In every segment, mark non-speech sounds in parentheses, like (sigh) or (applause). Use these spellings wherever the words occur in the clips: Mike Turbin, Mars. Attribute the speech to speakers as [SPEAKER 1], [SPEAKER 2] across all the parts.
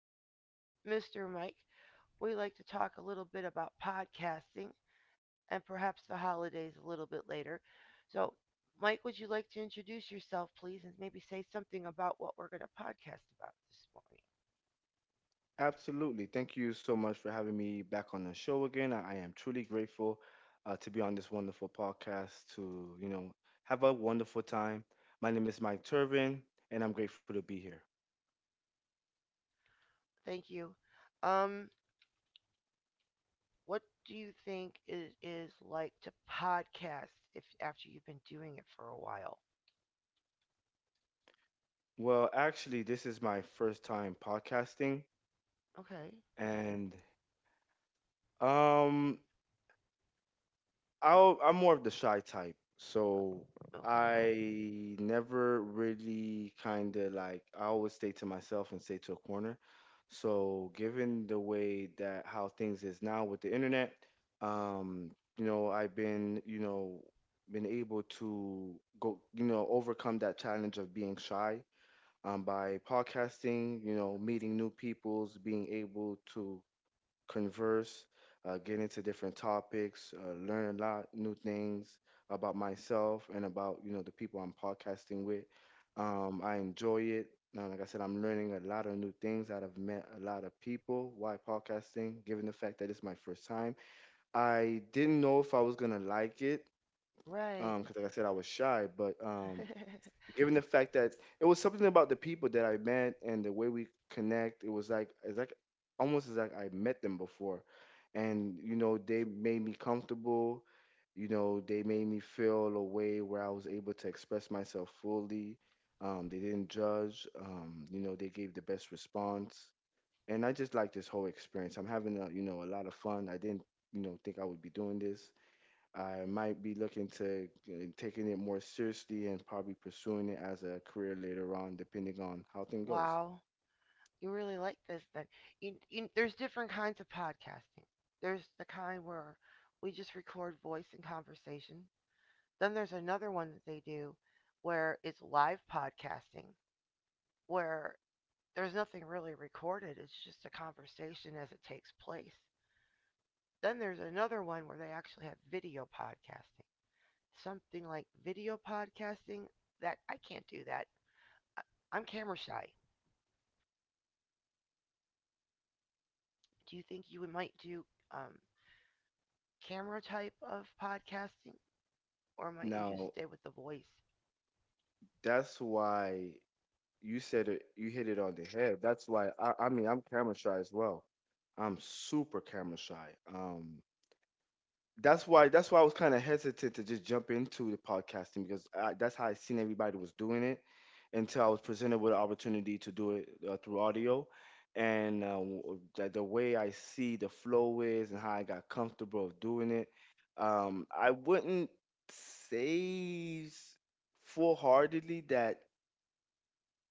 [SPEAKER 1] be with Mr. Mike. We like to talk a little bit about podcasting and perhaps the holidays a little bit later. So, Mike, would you like to introduce yourself, please, and maybe say something about what we're going to podcast about this morning?
[SPEAKER 2] Absolutely. Thank you so much for having me back on the show again. I am truly grateful to be on this wonderful podcast to, you know, have a wonderful time. My name is Mike Turbin, and I'm grateful to be here.
[SPEAKER 1] Thank you. Um, what do you think it is like to podcast if after you've been doing it for a while?
[SPEAKER 2] Well, actually, this is my first time podcasting,
[SPEAKER 1] Okay.
[SPEAKER 2] and um, I'm more of the shy type,
[SPEAKER 1] Uh,
[SPEAKER 2] so
[SPEAKER 1] Okay.
[SPEAKER 2] I never really kind of like I always stay to myself and stay to a corner. So given the way that how things is now with the internet, um, you know, I've been, you know, been able to go, you know, overcome that challenge of being shy by podcasting, you know, meeting new peoples, being able to converse, get into different topics, learn a lot new things about myself and about you know the people I'm podcasting with. I enjoy it. Now, like I said, I'm learning a lot of new things. I've met a lot of people while podcasting, given the fact that it's my first time. I didn't know if I was gonna like it
[SPEAKER 1] Right.
[SPEAKER 2] because, like I said, I was shy. But
[SPEAKER 1] (laughs)
[SPEAKER 2] given the fact that it was something about the people that I met and the way we connect, it was like it's like almost as like I met them before, and you know they made me comfortable. You know they made me feel a way where I was able to express myself fully. They didn't judge. You know they gave the best response, and I just like this whole experience. I'm having a you know a lot of fun. I didn't you know think I would be doing this. I might be looking to taking it more seriously and probably pursuing it as a career later on, depending on how things goes.
[SPEAKER 1] Wow, you really like this then. There's different kinds of podcasting. There's the kind where we just record voice and conversation. Then there's another one that they do where it's live podcasting, where there's nothing really recorded, it's just a conversation as it takes place. Then there's another one where they actually have video podcasting. Something like video podcasting that I can't do that. I, I'm camera shy. Do you think you might do um, camera type of podcasting, or might you just
[SPEAKER 2] Now,
[SPEAKER 1] stay with the voice?
[SPEAKER 2] that's why you said it, you hit it on the head. That's why I mean, I'm camera shy as well. I'm super camera shy. That's why I was kind of hesitant to just jump into the podcasting because I, that's how I seen everybody was doing it until I was presented with an opportunity to do it through audio. And the way I see the flow is and how I got comfortable of doing it, I wouldn't say s- full-heartedly that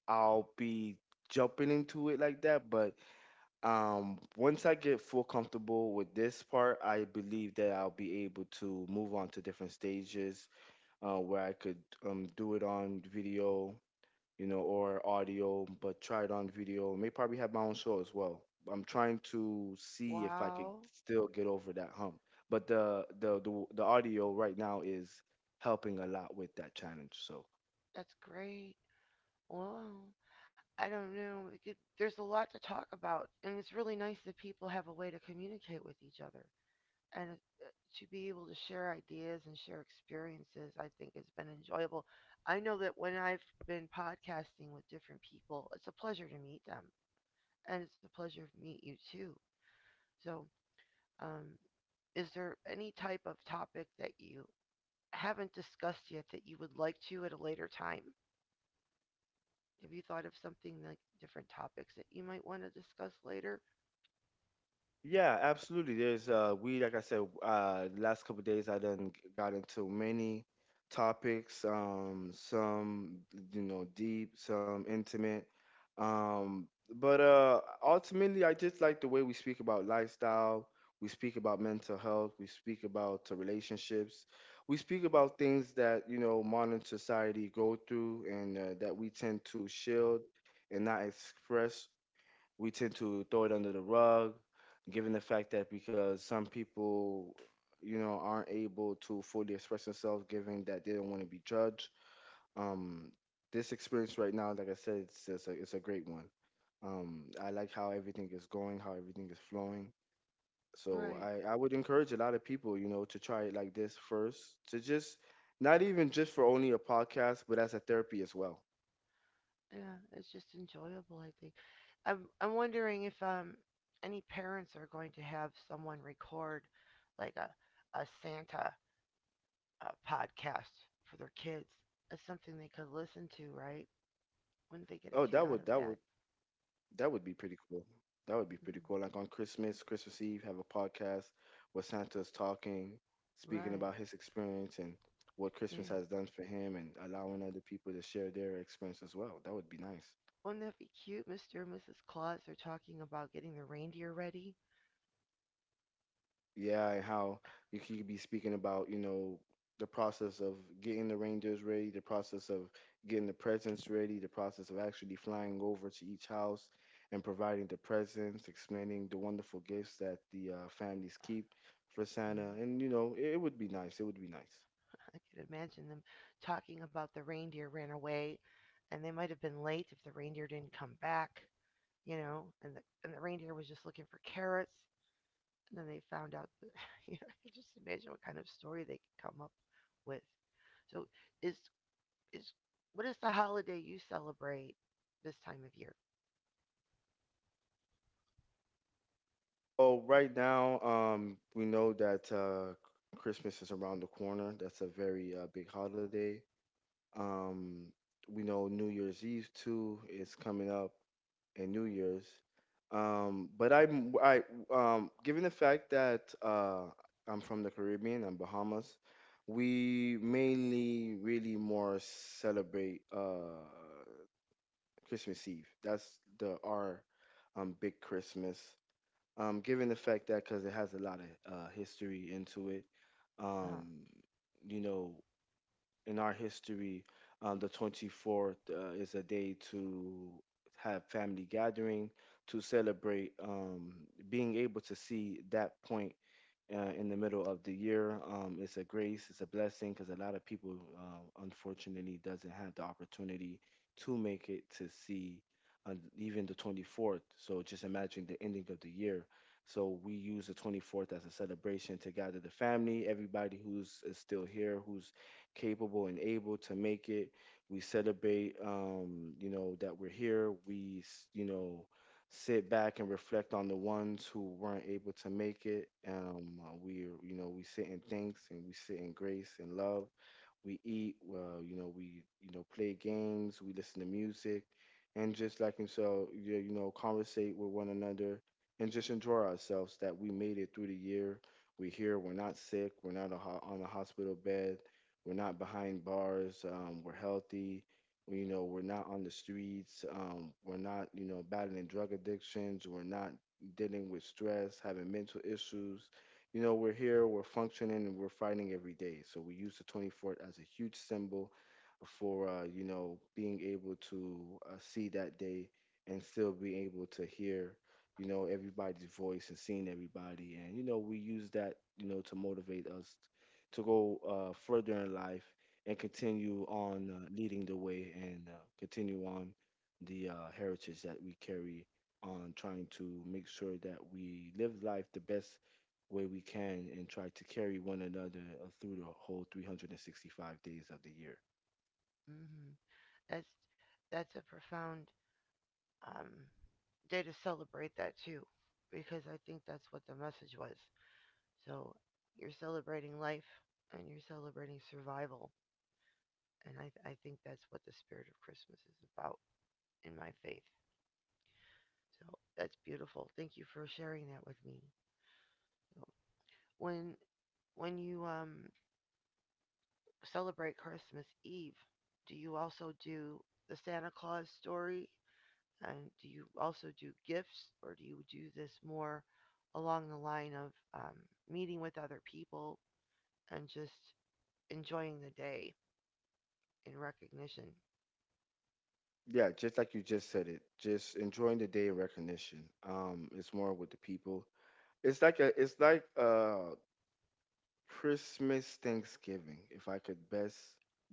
[SPEAKER 2] I'll be jumping into it like that, but once I get full comfortable with this part, I believe that I'll be able to move on to different stages where I could do it on video, you know, or audio, but try it on video, may probably have my own show as well. I'm trying to see if I could
[SPEAKER 1] Wow,
[SPEAKER 2] still get over that hump, but the audio right now is helping a lot with that challenge. So
[SPEAKER 1] that's great. Wow. I don't know. It could, there's a lot to talk about, and it's really nice that people have a way to communicate with each other. And to be able to share ideas and share experiences, I think has been enjoyable. I know that when I've been podcasting with different people, it's a pleasure to meet them, and it's a pleasure to meet you too. So, um, is there any type of topic that you haven't discussed yet that you would like to at a later time? Have you thought of something like different topics that you might want to discuss later?
[SPEAKER 2] yeah, absolutely. There's we, like I said, the last couple of days I done got into many topics, some you know deep, some intimate. Um but ultimately I just like the way we speak about lifestyle, we speak about mental health, we speak about relationships. We speak about things that, you know, modern society go through and that we tend to shield and not express. We tend to throw it under the rug, given the fact that because some people, you know, aren't able to fully express themselves, given that they don't want to be judged. Um, this experience right now, like I said, it's a great one. I like how everything is going, how everything is flowing. So
[SPEAKER 1] Right.
[SPEAKER 2] I would encourage a lot of people, you know, to try it like this first, to just not even just for only a podcast, but as a therapy as well.
[SPEAKER 1] Yeah, it's just enjoyable, I think. I'm wondering if any parents are going to have someone record like a Santa podcast for their kids. It's something they could listen to, right? Wouldn't they get
[SPEAKER 2] Oh,
[SPEAKER 1] a kick
[SPEAKER 2] that
[SPEAKER 1] out of
[SPEAKER 2] would that
[SPEAKER 1] that?
[SPEAKER 2] would that would be pretty cool. That would be pretty
[SPEAKER 1] (laughs)
[SPEAKER 2] cool. Like on Christmas, Christmas Eve, have a podcast where Santa's talking, speaking
[SPEAKER 1] Right.
[SPEAKER 2] about his experience and what Christmas
[SPEAKER 1] Yeah.
[SPEAKER 2] has done for him and allowing other people to share their experience as well. That would be nice.
[SPEAKER 1] Wouldn't that be cute? Mr. and Mrs. Claus are talking about getting the reindeer ready.
[SPEAKER 2] Yeah, and how you could be speaking about, you know, the process of getting the reindeers ready, the process of getting the presents ready, the process of actually flying over to each house and providing the presents, explaining the wonderful gifts that the families keep for Santa.
[SPEAKER 1] Mm-hmm.
[SPEAKER 2] And, you know, it would be nice. It would be nice.
[SPEAKER 1] I could imagine them talking about the reindeer ran away, and they might have been late if the reindeer didn't come back, you know, and the reindeer was just looking for carrots, and then they found out. That, (laughs) you know, I could just imagine what kind of story they could come up with. So, is is what is the holiday you celebrate this time of year?
[SPEAKER 2] Well, right now, we know that Christmas is around the corner. That's a very big holiday. Um, we know New Year's Eve too is coming up, and New Year's. But I'm I given the fact that I'm from the Caribbean and Bahamas, we mainly really more celebrate Christmas Eve. That's the our big Christmas. Given the fact that because it has a lot of history into it,
[SPEAKER 1] Uh-huh.
[SPEAKER 2] um, you know, in our history, the 24th is a day to have family gathering, to celebrate being able to see that point in the middle of the year. It's a grace, it's a blessing because a lot of people, unfortunately, doesn't have the opportunity to make it to see even the 24th. So just imagine the ending of the year. So we use the 24th as a celebration to gather the family, everybody who's is still here, who's capable and able to make it. We celebrate, you know, that we're here. You know, sit back and reflect on the ones who weren't able to make it. We, you know, we sit in thanks and we sit in grace and love. We eat, well, you know, we, you know, play games, we listen to music, and just like himself, you know, conversate with one another and just enjoy ourselves that we made it through the year. We're here, we're not sick, we're not a ho- on a hospital bed, we're not behind bars, we're healthy. You know, we're not on the streets. We're not, you know, battling drug addictions. We're not dealing with stress, having mental issues. You know, we're here, we're functioning, and we're fighting every day. So we use the 24th as a huge symbol for you know being able to see that day and still be able to hear you know everybody's voice and seeing everybody, and you know we use that you know to motivate us to go further in life and continue on leading the way and continue on the heritage that we carry on, trying to make sure that we live life the best way we can and try to carry one another through the whole 365 days of the year.
[SPEAKER 1] Hmm. That's that's a profound um, day to celebrate that too, because I think that's what the message was. So you're celebrating life and you're celebrating survival. And I think that's what the spirit of Christmas is about in my faith. So that's beautiful. Thank you for sharing that with me. So when when you celebrate Christmas Eve, do you also do the Santa Claus story? And do you also do gifts, or do you do this more along the line of um, meeting with other people and just enjoying the day in recognition?
[SPEAKER 2] Yeah, just like you just said it, just enjoying the day in recognition. It's more with the people. It's like Christmas, Thanksgiving, if I could best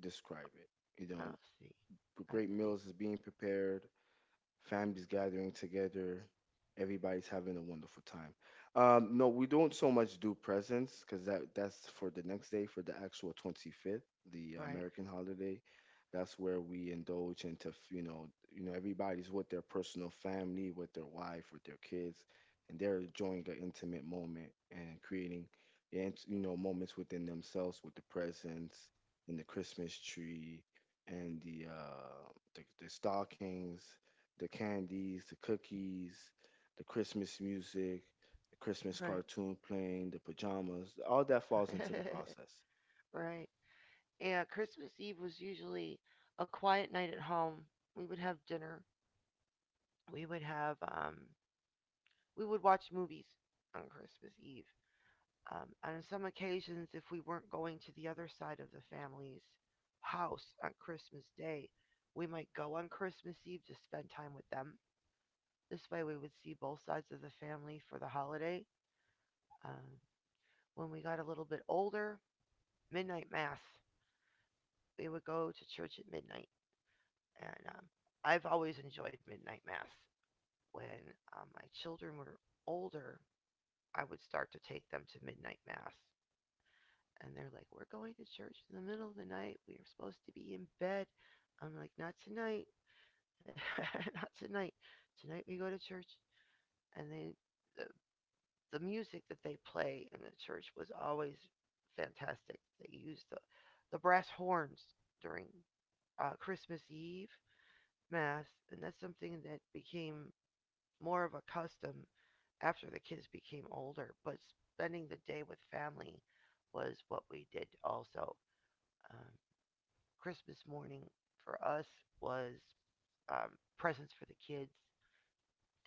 [SPEAKER 2] describe it. You
[SPEAKER 1] I
[SPEAKER 2] know,
[SPEAKER 1] see. I
[SPEAKER 2] great
[SPEAKER 1] see.
[SPEAKER 2] meals is being prepared, families gathering together. Everybody's having a wonderful time. No, we don't so much do presents because that's for the next day for the actual 25th, the
[SPEAKER 1] Right.
[SPEAKER 2] American holiday. That's where we indulge into you know, you know everybody's with their personal family, with their wife, with their kids, and they're enjoying an intimate moment and creating and you know moments within themselves with the presents and the Christmas tree and the stockings, the candies, the cookies, the Christmas music, the Christmas
[SPEAKER 1] Right.
[SPEAKER 2] cartoon playing, the pajamas, all that falls into the
[SPEAKER 1] (laughs)
[SPEAKER 2] process.
[SPEAKER 1] Right. Yeah, Christmas Eve was usually a quiet night at home. We would have dinner. We would have we would watch movies on Christmas Eve. On some occasions, if we weren't going to the other side of the family's house on Christmas Day, we might go on Christmas Eve to spend time with them. This way, we would see both sides of the family for the holiday. Um, when we got a little bit older, midnight mass. We would go to church at midnight, and I've always enjoyed midnight mass. When my children were older, I would start to take them to midnight mass, and they're like, "We're going to church in the middle of the night. We are supposed to be in bed." I'm like, "Not tonight, (laughs) not tonight. Tonight we go to church." And the, the music that they play in the church was always fantastic. They used the brass horns during Christmas Eve math, and that's something that became more of a custom after the kids became older. But spending the day with family was what we did also. Um, Christmas morning for us was um, presents for the kids,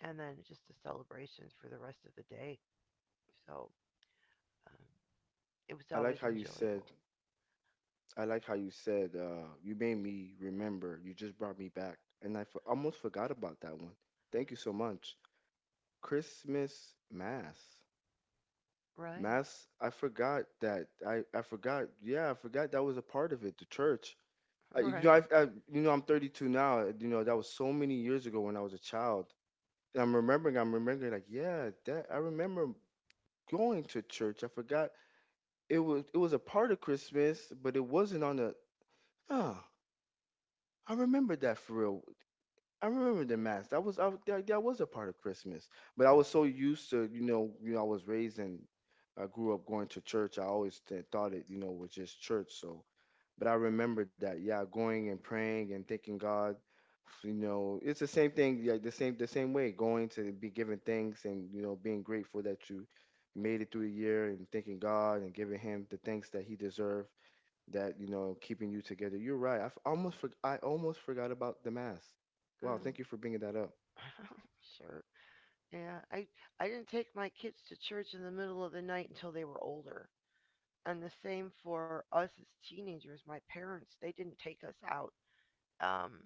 [SPEAKER 1] and then just a celebration for the rest of the day. So um, it was
[SPEAKER 2] I like
[SPEAKER 1] always
[SPEAKER 2] how you said,
[SPEAKER 1] enjoyable.
[SPEAKER 2] I like how you said, you made me remember, you just brought me back. And almost forgot about that one. Thank you so much. Christmas Mass.
[SPEAKER 1] Right,
[SPEAKER 2] Mass, I forgot that. I forgot. Yeah, I forgot that was a part of it, the church.
[SPEAKER 1] right.
[SPEAKER 2] I, you know, I'm 32 now. You know, that was so many years ago when I was a child. I'm remembering like, yeah, that I remember going to church. I forgot it was a part of Christmas, but it wasn't on the. Oh, I remember that for real. I remember the mass. That was a part of Christmas. But I was so used to, you know, I was raised and I grew up going to church. I always thought it, you know, was just church. So but I remember that, yeah, going and praying and thanking God. You know, it's the same thing, like the same way, going to be giving thanks and you know being grateful that you made it through the year and thanking God and giving Him the thanks that He deserved. That you know keeping you together. You're right. I almost forgot about the mass. Wow,
[SPEAKER 1] Mm.
[SPEAKER 2] thank you for bringing that up.
[SPEAKER 1] (laughs) Sure. Yeah, I didn't take my kids to church in the middle of the night until they were older, and the same for us as teenagers. My parents, they didn't take us out um,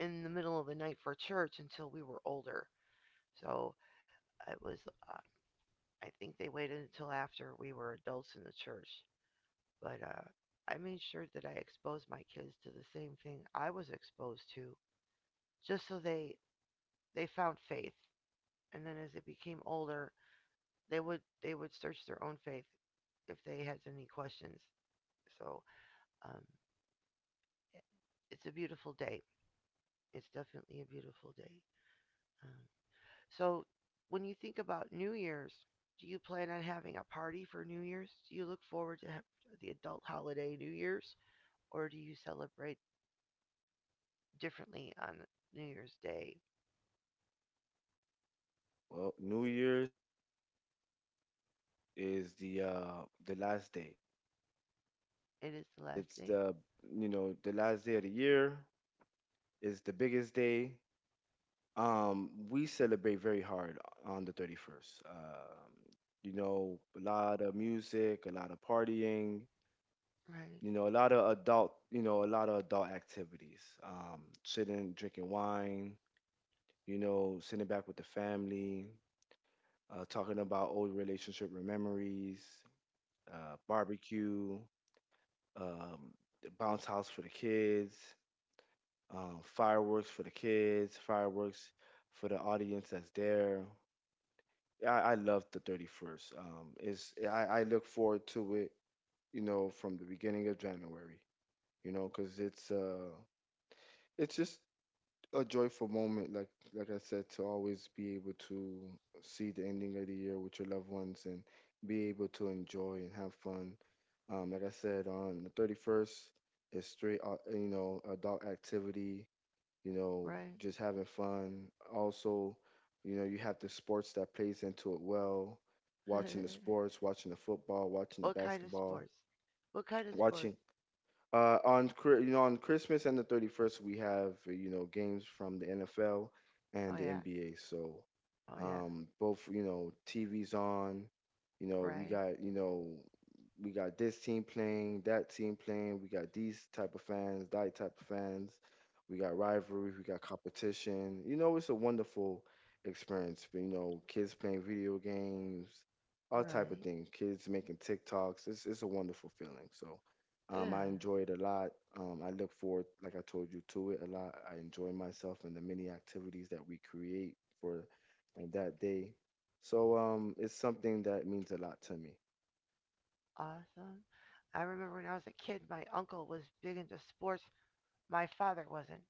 [SPEAKER 1] in the middle of the night for church until we were older. So it was, uh, I think they waited until after we were adults in the church. But I made sure that I exposed my kids to the same thing I was exposed to, just so they found faith. And then as they became older, they would search their own faith if they had any questions. So um, it's a beautiful day. It's definitely a beautiful day. Um, so, when you think about New Year's, do you plan on having a party for New Year's? Do you look forward to the adult holiday New Year's, or do you celebrate differently on New Year's Day?
[SPEAKER 2] Well, New Year's is the last day.
[SPEAKER 1] It is the last
[SPEAKER 2] It's
[SPEAKER 1] day,
[SPEAKER 2] the you know the last day of the year. It's the biggest day. We celebrate very hard on the 31st. You know, a lot of music, a lot of partying,
[SPEAKER 1] right?
[SPEAKER 2] you know, a lot of adult, you know, a lot of adult activities. Sitting, drinking wine, you know, sitting back with the family, talking about old relationship memories, barbecue, um, the bounce house for the kids, fireworks for the kids, fireworks for the audience that's there. Yeah, I love the 31st. I look forward to it, you know, from the beginning of January, you know, because it's just a joyful moment, like I said, to always be able to see the ending of the year with your loved ones and be able to enjoy and have fun. Like I said, on the 31st, it's straight, you know, adult activity, you know,
[SPEAKER 1] Right.
[SPEAKER 2] just having fun. Also, you know, you have the sports that plays into it well, watching the
[SPEAKER 1] (laughs)
[SPEAKER 2] sports, watching the football, watching the
[SPEAKER 1] What kind of
[SPEAKER 2] basketball,
[SPEAKER 1] sports? What kind of sports?
[SPEAKER 2] watching you know on Christmas and the 31st we have you know games from the NFL
[SPEAKER 1] Oh
[SPEAKER 2] and the
[SPEAKER 1] yeah,
[SPEAKER 2] NBA. So
[SPEAKER 1] oh yeah,
[SPEAKER 2] both you know TV's on, you know, we
[SPEAKER 1] right,
[SPEAKER 2] got you know we got this team playing, that team playing. We got these type of fans, that type of fans. We got rivalry, we got competition. You know, it's a wonderful experience. You know, kids playing video games, all type of
[SPEAKER 1] right,
[SPEAKER 2] things. Kids making TikToks. It's a wonderful feeling. So, I
[SPEAKER 1] yeah,
[SPEAKER 2] enjoy it a lot. I look forward, like I told you, to it a lot. I enjoy myself and the many activities that we create for and that day. So it's something that means a lot to me.
[SPEAKER 1] awesome. I remember when I was a kid, my uncle was big into sports. My father wasn't.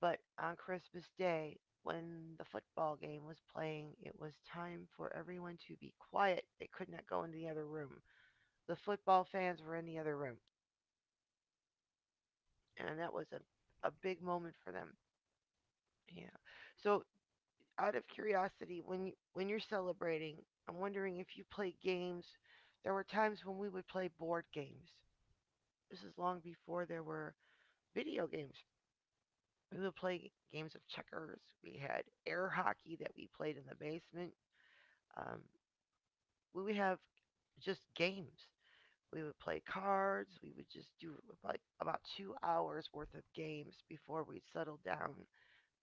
[SPEAKER 1] But on Christmas Day, when the football game was playing, it was time for everyone to be quiet. They could not go in the other room. The football fans were in the other room, and that was a big moment for them. Yeah. So, out of curiosity, when when you're celebrating, I'm wondering if you play games. There were times when we would play board games. This is long before there were video games. We would play games of checkers. We had air hockey that we played in the basement. Um, we would have just games. We would play cards. We would just do like about 2 hours worth of games before we'd settle down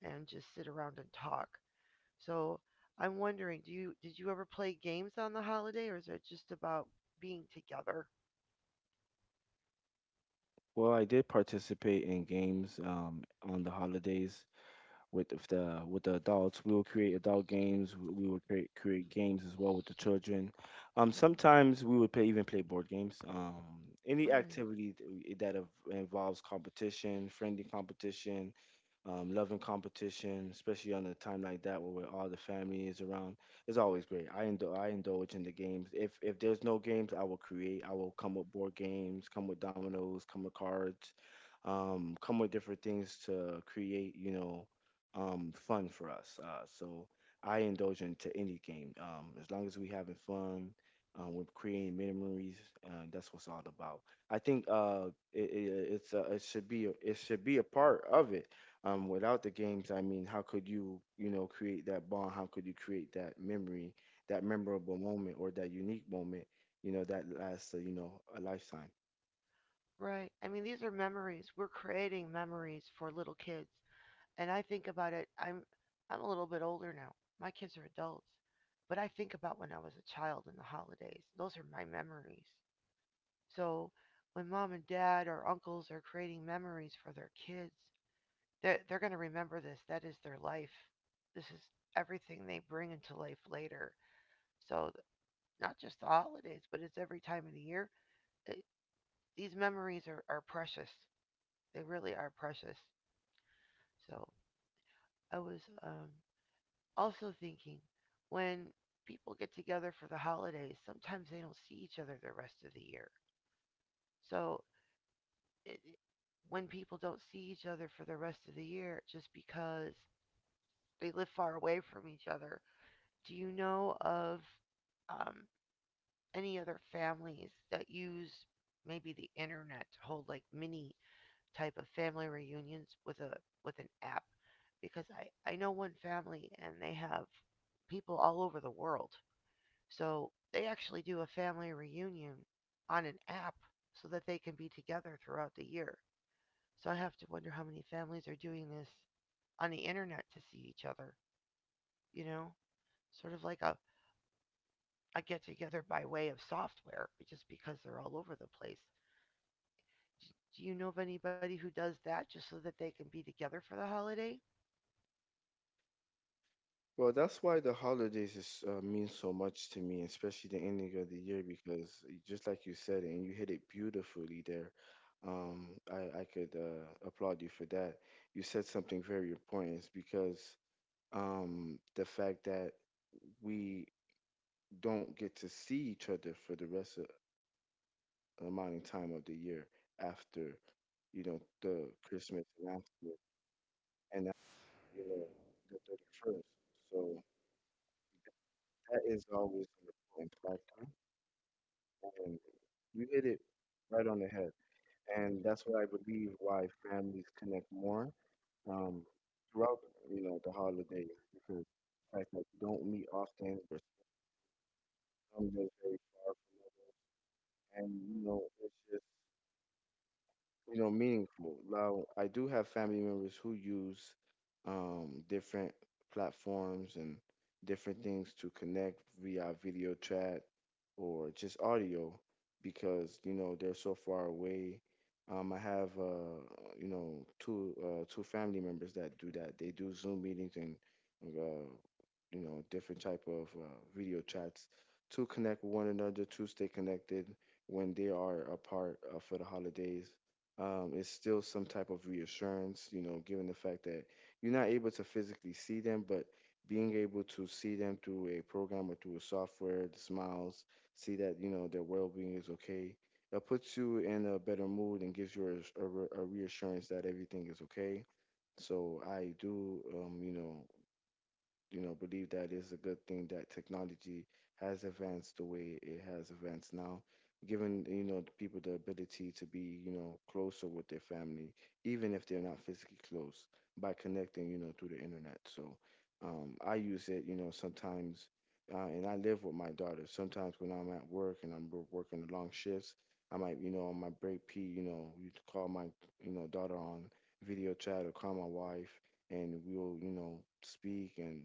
[SPEAKER 1] and just sit around and talk. So I'm wondering, do you did you ever play games on the holiday, or is it just about being together?
[SPEAKER 2] Well, I did participate in games on the holidays with if the with the adults. We will create adult games. We will create games as well with the children.
[SPEAKER 1] Mhm.
[SPEAKER 2] Sometimes we would play board games. Any
[SPEAKER 1] Right,
[SPEAKER 2] activity that involves competition, friendly competition, loving competition, especially on a time like that where all the family is around, is always great. I indulge in the games. If there's no games, I will create. I will come with board games, come with dominoes, come with cards, come with different things to create. You know, fun for us. So I indulge into any game. As long as we having fun, we're creating memories. That's what's all about. I think it should be a part of it. Without the games, I mean, how could you you know create that bond? How could you create that memory, that memorable moment, or that unique moment? You know that lasts you know a lifetime.
[SPEAKER 1] right. I mean, these are memories. We're creating memories for little kids, and I think about it. I'm a little bit older now. My kids are adults, but I think about when I was a child and the holidays. Those are my memories. So when mom and dad or uncles are creating memories for their kids, they're going to remember this. That is their life. This is everything they bring into life later. So not just the holidays, but it's every time of the year. It, these memories are precious. They really are precious. So I was also thinking when people get together for the holidays, sometimes they don't see each other the rest of the year. So it, when people don't see each other for the rest of the year just because they live far away from each other, do you know of um, any other families that use maybe the internet to hold like mini type of family reunions with a with an app? Because I know one family and they have people all over the world. So they actually do a family reunion on an app so that they can be together throughout the year. So I have to wonder how many families are doing this on the internet to see each other, you know? Sort of like a get together by way of software, just because they're all over the place. Do you know of anybody who does that just so that they can be together for the holiday?
[SPEAKER 2] Well, that's why the holidays is mean so much to me, especially the ending of the year, because just like you said, and you hit it beautifully there. Um, I could applaud you for that. You said something very important. It's because the fact that we don't get to see each other for the rest of amount of time of the year after, you know, the Christmas and after, you know, the 31st. So that is always an important factor. And you hit it right on the head. And that's what I believe why families connect more um, throughout, you know, the holidays because the fact that you don't meet often, we're some live very far from each other, and you know, it's just you know, meaningful. Now, I do have family members who use different platforms and different things to connect via video chat or just audio because, you know, they're so far away. I have, you know, two family members that do that. They do Zoom meetings and uh, you know different type of video chats to connect with one another to stay connected when they are apart for the holidays. It's still some type of reassurance, you know, given the fact that you're not able to physically see them, but being able to see them through a program or through a software, the smiles, see that you know their well-being is okay, it puts you in a better mood and gives you a reassurance that everything is okay. So I do you know, you know, believe that it's a good thing that technology has advanced the way it has advanced now, giving, you know, the people the ability to be, you know, closer with their family, even if they're not physically close, by connecting, you know, through the internet. So I use it, you know, sometimes, and I live with my daughter. Sometimes when I'm at work and I'm working long shifts, I might, you know, on my break P, you know, you call my, you know, daughter on video chat or call my wife and we'll you know speak and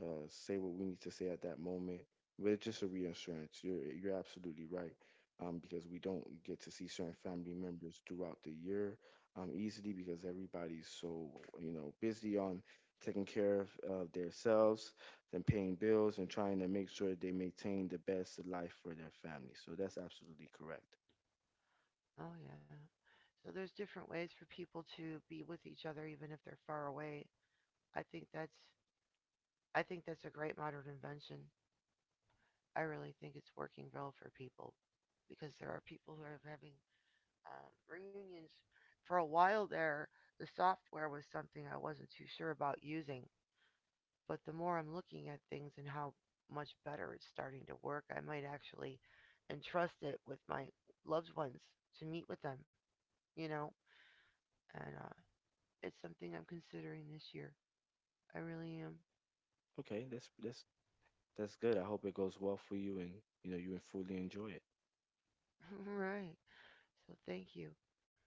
[SPEAKER 2] say what we need to say at that moment. But it's just a reassurance. You're absolutely right. Because we don't get to see certain family members throughout the year easily because everybody's so you know busy on taking care of themselves and paying bills and trying to make sure they maintain the best life for their family. So that's absolutely correct.
[SPEAKER 1] Oh, yeah. So there's different ways for people to be with each other even if they're far away. I think that's I think that's a great modern invention. I really think it's working well for people because there are people who are having reunions. For a while there, the software was something I wasn't too sure about using, but the more I'm looking at things and how much better it's starting to work, I might actually entrust it with my loved ones to meet with them, you know? And it's something I'm considering this year. I really am.
[SPEAKER 2] Okay, that's good. I hope it goes well for you and you know you fully enjoy it.
[SPEAKER 1] (laughs) Right. So thank you.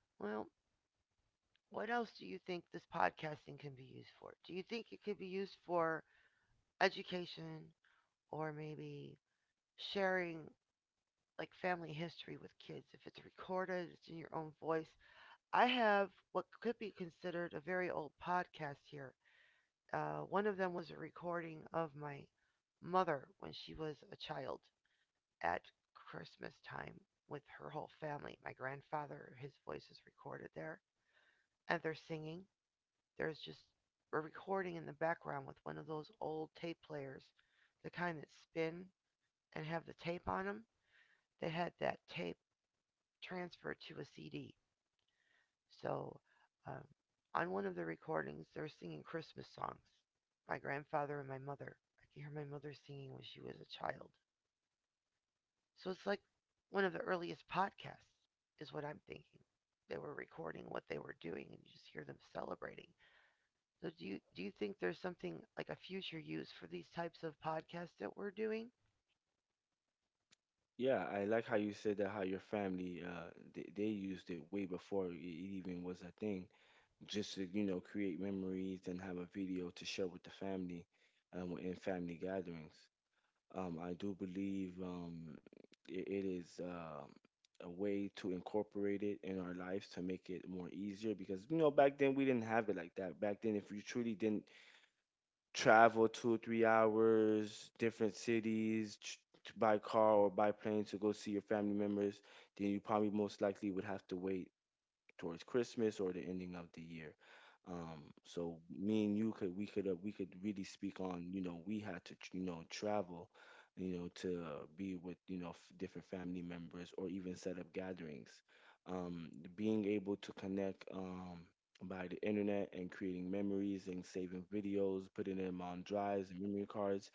[SPEAKER 1] Well, what else do you think this podcasting can be used for? Do you think it could be used for education or maybe sharing like family history with kids? If it's recorded, it's in your own voice. I have what could be considered a very old podcast here. One of them was a recording of my mother when she was a child at Christmas time with her whole family. My grandfather, his voice is recorded there, and they're singing. There's just a recording in the background with one of those old tape players, the kind that spin and have the tape on them. They had that tape transferred to a CD. So um, on one of the recordings, they're singing Christmas songs. My grandfather and my mother. I could hear my mother singing when she was a child. So it's like one of the earliest podcasts, is what I'm thinking. They were recording what they were doing, and you just hear them celebrating. So do you think there's something like a future use for these types of podcasts that we're doing?
[SPEAKER 2] Yeah, I like how you said that how your family they used it way before it even was a thing, just to you know create memories and have a video to share with the family, in family gatherings. I do believe it is a way to incorporate it in our lives to make it more easier because you know back then we didn't have it like that. Back then, if you truly didn't travel 2 or 3 hours, different cities by car or by plane to go see your family members, then you probably most likely would have to wait towards Christmas or the ending of the year. So me and you could we could we could really speak on you know we had to you know travel, you know to be with you know different family members or even set up gatherings. Um, Being able to connect by the internet and creating memories and saving videos, putting them on drives and memory cards,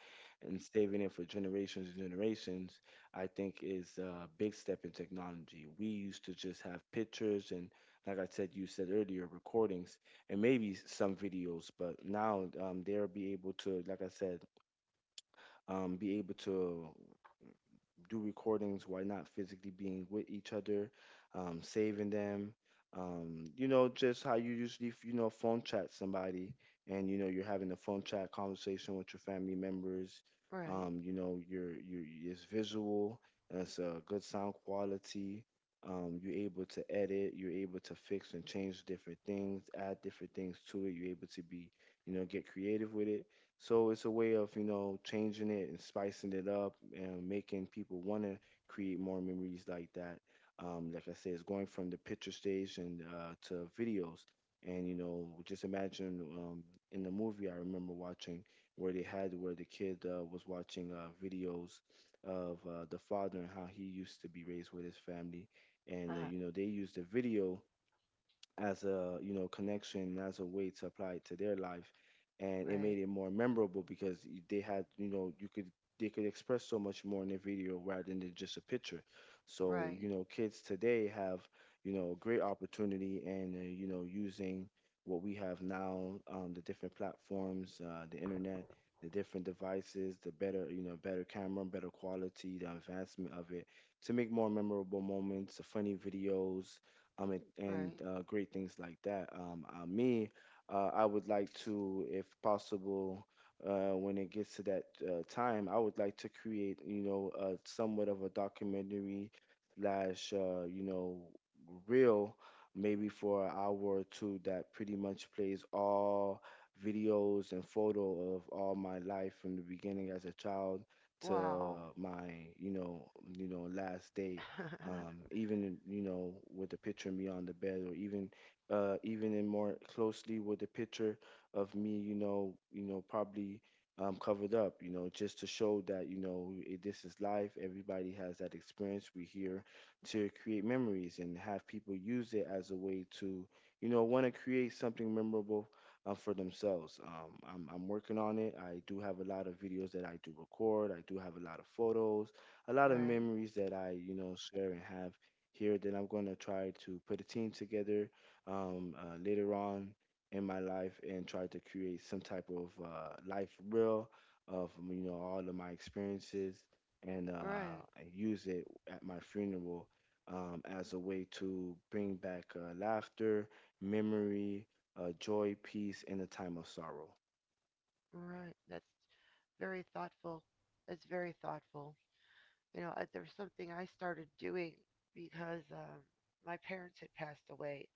[SPEAKER 2] and saving it for generations and generations. I think is a big step in technology. We used to just have pictures and like I said, you said earlier, recordings and maybe some videos. But now they'll be able to, like I said, be able to do recordings while not physically being with each other, saving them. You know, just how you usually, you know, phone chat somebody and, you know, you're having a phone chat conversation with your family members.
[SPEAKER 1] Right.
[SPEAKER 2] You know, it's visual, it's a good sound quality. You're able to edit, you're able to fix and change different things, add different things to it. You're able to be, you know, get creative with it, so it's a way of, you know, changing it and spicing it up and making people want to create more memories like that. Like I said, it's going from the picture stage and to videos. And, you know, just imagine in the movie I remember watching where they had where the kid was watching videos of the father and how he used to be raised with his family. And,
[SPEAKER 1] Uh-huh.
[SPEAKER 2] you know, they used the video as a you know connection as a way to apply it to their life, and it made
[SPEAKER 1] Right.
[SPEAKER 2] it more memorable because they had you know you could they could express so much more in a video rather than just a picture. So
[SPEAKER 1] Right.
[SPEAKER 2] you know kids today have you know great opportunity and you know using what we have now the different platforms, the internet, the different devices, the better you know better camera, better quality, the advancement of it to make more memorable moments, funny videos, um, and, and
[SPEAKER 1] Right.
[SPEAKER 2] uh, great things like that. I would like to, if possible, when it gets to that time, I would like to create, somewhat of a documentary slash, reel, maybe for an hour or two that pretty much plays all videos and photo of all my life from the beginning as a child to
[SPEAKER 1] Wow.
[SPEAKER 2] my last day. um,
[SPEAKER 1] (laughs)
[SPEAKER 2] even in, with the picture of me on the bed, or even even in more closely with the picture of me, probably, covered up, just to show that, this is life. Everybody has that experience. We're here to create memories and have people use it as a way to want to create something memorable for themselves. I'm working on it. I do have a lot of videos that I do record. I do have a lot of photos, a lot of
[SPEAKER 1] Right.
[SPEAKER 2] memories that I share and have here, that I'm going to try to put a team together later on in my life and try to create some type of life reel of, all of my experiences, and uh,
[SPEAKER 1] Right.
[SPEAKER 2] and use it at my funeral, as a way to bring back laughter, memory, joy, peace in a time of sorrow.
[SPEAKER 1] Right. That's very thoughtful. That's very thoughtful. You know, there's something I started doing because my parents had passed away.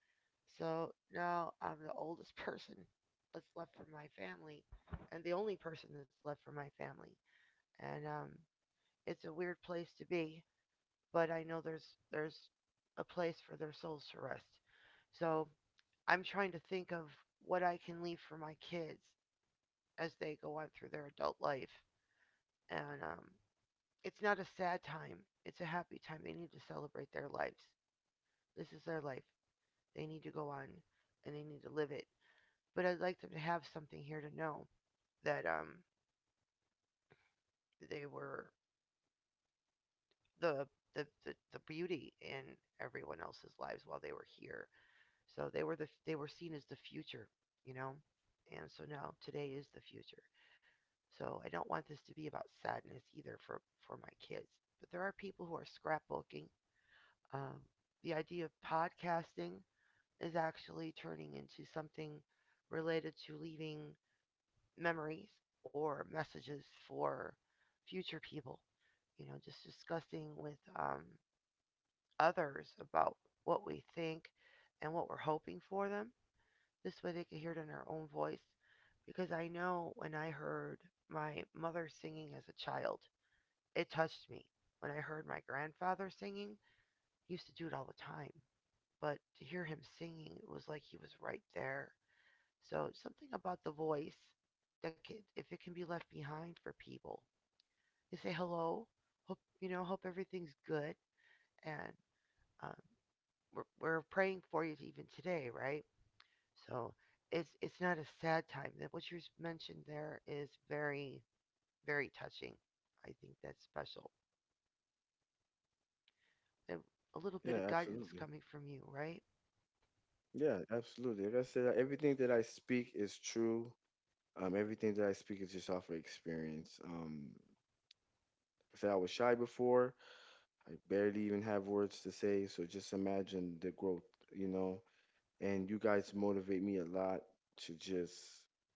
[SPEAKER 1] So now I'm the oldest (laughs) person that's left from my family and the only person that's left from my family. And it's a weird place to be, but I know there's a place for their souls to rest. So I'm trying to think of what I can leave for my kids as they go on through their adult life. And it's not a sad time, it's a happy time. They need to celebrate their lives. This is their life. They need to go on and they need to live it. But I'd like them to have something here to know that they were the, the beauty in everyone else's lives while they were here. So they were seen as the future, you know. And so now today is the future. So I don't want this to be about sadness either for my kids. But there are people who are scrapbooking. Um, the idea of podcasting is actually turning into something related to leaving memories or messages for future people. You know, just discussing with others about what we think and what we're hoping for them. This way they could hear it in their own voice. Because I know when I heard my mother singing as a child, it touched me. When I heard my grandfather singing, he used to do it all the time. But to hear him singing, it was like he was right there. So something about the voice that can, if it can be left behind for people, you say hello, hope you know, hope everything's good, and um, we're praying for you even today, right? So it's not a sad time. That what you mentioned there is very touching. I think that's special. And a little bit of
[SPEAKER 2] Yeah,
[SPEAKER 1] guidance
[SPEAKER 2] absolutely.
[SPEAKER 1] coming from you, right?
[SPEAKER 2] Yeah, absolutely. Like I said, everything that I speak is true. Everything that I speak is just off of experience. Like I said, I was shy before. I barely even have words to say. So just imagine the growth, you know. And you guys motivate me a lot to just,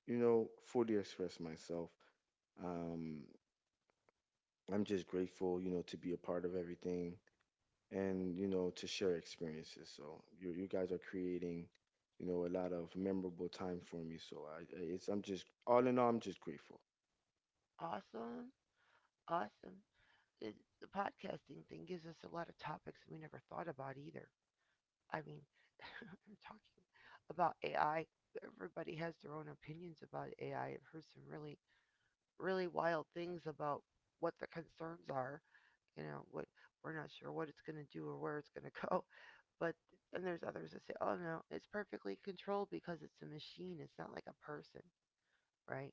[SPEAKER 2] you know, fully express myself. Um, I'm just grateful, to be a part of everything and to share experiences. So you guys are creating, a lot of memorable time for me. So I'm just, all in all, I'm just grateful.
[SPEAKER 1] Awesome, awesome. It, the podcasting thing gives us a lot of topics we never thought about either. I mean, (laughs) we're talking about AI. Everybody has their own opinions about AI. I've heard some really wild things about what the concerns are, you know, what we're not sure what it's going to do or where it's going to (laughs) go. But and there's others that say, oh no, it's perfectly controlled because it's a machine, it's not like a person, right?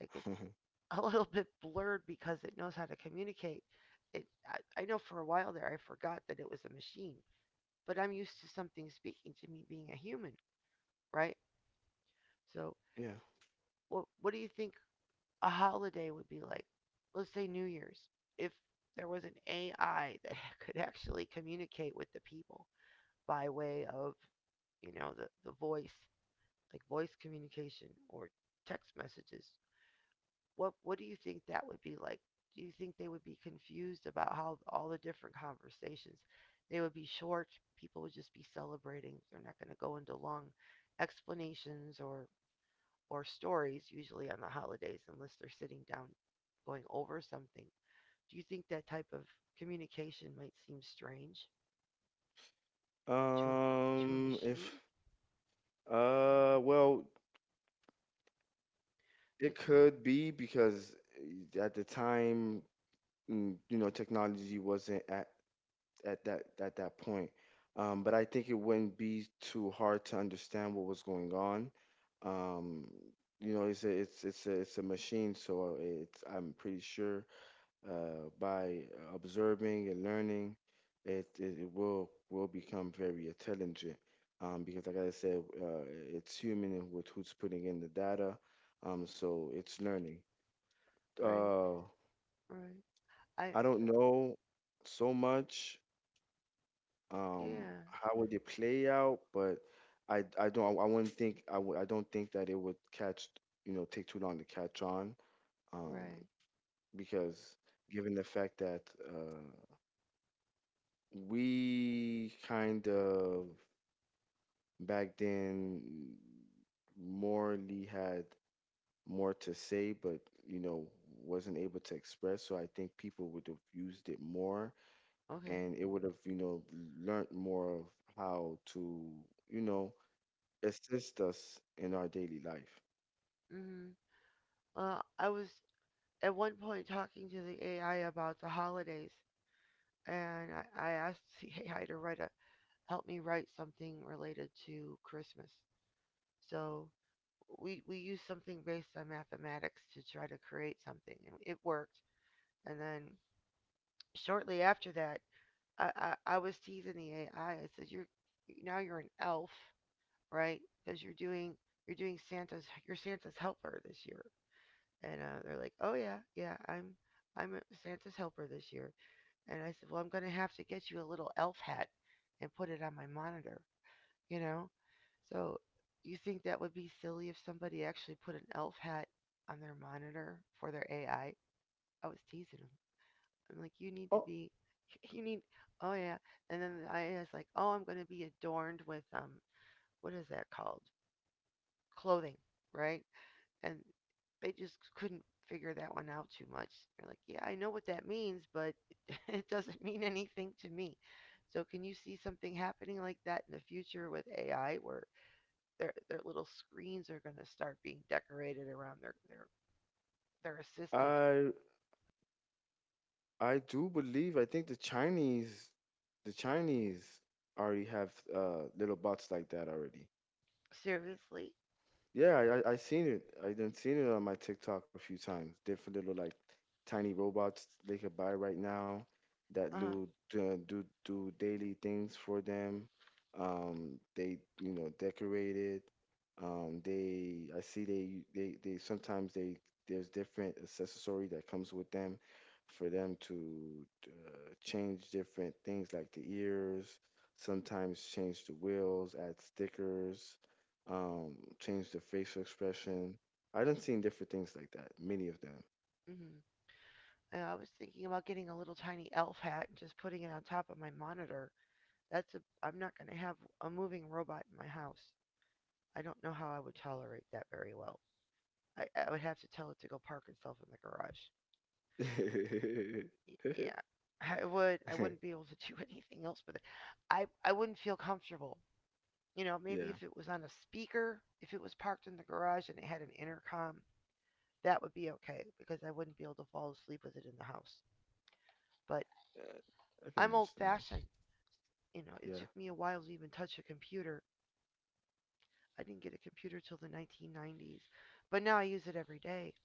[SPEAKER 1] Like it's
[SPEAKER 2] (laughs)
[SPEAKER 1] (laughs) a little bit blurred because it knows how to communicate it. I know for a while there I forgot that it was a machine, but I'm used to something speaking to me being a human, right? So
[SPEAKER 2] Yeah.
[SPEAKER 1] what do you think a holiday would be like, let's say New Year's, if there was an AI (laughs) that could actually communicate with the people by way of, you know, the voice, like voice communication or text messages? What do you think that would be like? Do you think they would be confused about how all the different conversations? They would be short, people would just be celebrating, they're not going to go into long explanations or stories usually on the holidays unless they're sitting down going over something. Do you think that type of communication might seem strange to a
[SPEAKER 2] If
[SPEAKER 1] machine?
[SPEAKER 2] well, it
[SPEAKER 1] It's
[SPEAKER 2] could be because at the time, technology wasn't at that point. But I think it wouldn't be too hard to understand what was going on. Um, it's a machine, so it's I'm pretty sure, by observing and learning, it will become very intelligent. Because like I said, it's human with who's putting in the data. So it's learning.
[SPEAKER 1] right.
[SPEAKER 2] Uh,
[SPEAKER 1] Right. I
[SPEAKER 2] I don't know so much
[SPEAKER 1] yeah,
[SPEAKER 2] how would it play out, but I don't I wouldn't think I would I don't think that it would catch you know take too long to catch on, um,
[SPEAKER 1] right.
[SPEAKER 2] because given the fact that uh, we kind of back then morally had more to say, but, you know, wasn't able to express. So I think people would have used it more,
[SPEAKER 1] Okay.
[SPEAKER 2] and it would have learned more of how to, you know, assist us in our daily life.
[SPEAKER 1] Mhm. I was at one point talking to the AI about the holidays, and I asked the (laughs) AI to write a help me write something related to Christmas. So we used something based on mathematics to try to create something, and it worked. And then shortly after that, I was teasing the AI. I said, "You're now you're an elf, right? Because you're doing." You're doing Santa's. You're Santa's helper this year. And they're like, "Oh yeah, yeah, I'm a Santa's helper this year." And I said, "Well, I'm going to have to get you a little elf hat and put it on my monitor, you know?" So, you think that would be silly if somebody actually put an elf hat on their monitor for their AI? I was teasing them. I'm like, "You need to
[SPEAKER 2] Oh,
[SPEAKER 1] be (laughs) you need oh yeah." And then the AI is like, "Oh, I'm going to be adorned with what is that called? Clothing, right? And they just couldn't figure that one out too much. They're like, yeah, I know what that means, but (laughs) it doesn't mean anything to me. So can you see something happening like that in the future with AI where their little screens are going to start being decorated around their their assistant?
[SPEAKER 2] I I do believe, I think the Chinese already have little bots like that already.
[SPEAKER 1] Seriously?
[SPEAKER 2] Yeah, I seen it. I done seen it on my TikTok a few times. Different little, like, tiny robots they could buy right now that
[SPEAKER 1] Uh-huh.
[SPEAKER 2] do daily things for them. They decorate it. They I see, they sometimes they there's different accessory that comes with them for them to change different things like the ears. Sometimes change the wheels, add stickers, um, change the facial expression. I done seen different things like that. Many of them.
[SPEAKER 1] Mhm. And I was thinking about getting a little tiny elf hat and just putting it on top of my monitor. That's a I'm not going to have a moving robot in my house. I don't know how I would tolerate that very well. I would have to tell it to go park itself in the garage.
[SPEAKER 2] (laughs)
[SPEAKER 1] Yeah, I would. I wouldn't be able to do (laughs) anything else with it. I wouldn't feel comfortable. You know, maybe
[SPEAKER 2] Yeah,
[SPEAKER 1] if it was on a speaker, if it was parked in the garage and it had an intercom, that would be okay because I wouldn't be able to fall asleep with it in the house. But
[SPEAKER 2] uh, I can
[SPEAKER 1] I'm old
[SPEAKER 2] understand.
[SPEAKER 1] fashioned. You know, it
[SPEAKER 2] Yeah.
[SPEAKER 1] took me a while to even touch a computer. I didn't get a computer till the 1990s, but now I use it every day.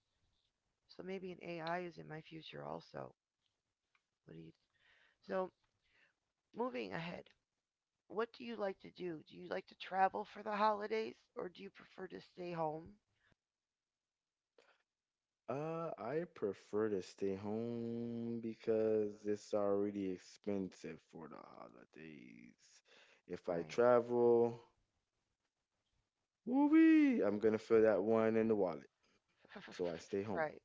[SPEAKER 1] So maybe an AI is in my future also. What do you? So moving ahead, what do you like to do? Do you like to travel for the holidays or do you prefer to stay home?
[SPEAKER 2] I prefer to stay home because it's already expensive for the holidays. If I
[SPEAKER 1] Right.
[SPEAKER 2] travel, woo, I'm gonna feel that one in the wallet. So I stay
[SPEAKER 1] (laughs)
[SPEAKER 2] home.
[SPEAKER 1] Right.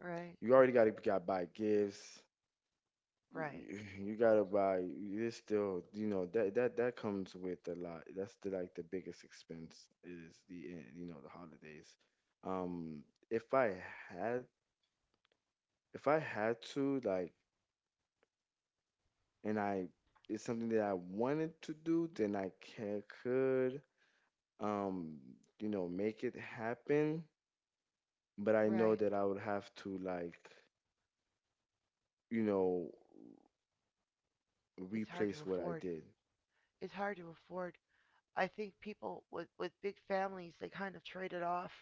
[SPEAKER 1] Right.
[SPEAKER 2] You already gotta got buy gifts.
[SPEAKER 1] Right.
[SPEAKER 2] You gotta buy, it's still, you know, that that comes with a lot. That's the, like, the biggest expense is the eh, you know the holidays. Um if i had if i had to, like, and I it's something that I wanted to do, then I can could, um make it happen. But I know
[SPEAKER 1] Right.
[SPEAKER 2] that I would have to, like, you know,
[SPEAKER 1] It's hard to
[SPEAKER 2] replace what I
[SPEAKER 1] afford.
[SPEAKER 2] did.
[SPEAKER 1] It's hard to afford. I think people with big families, they kind of trade it off.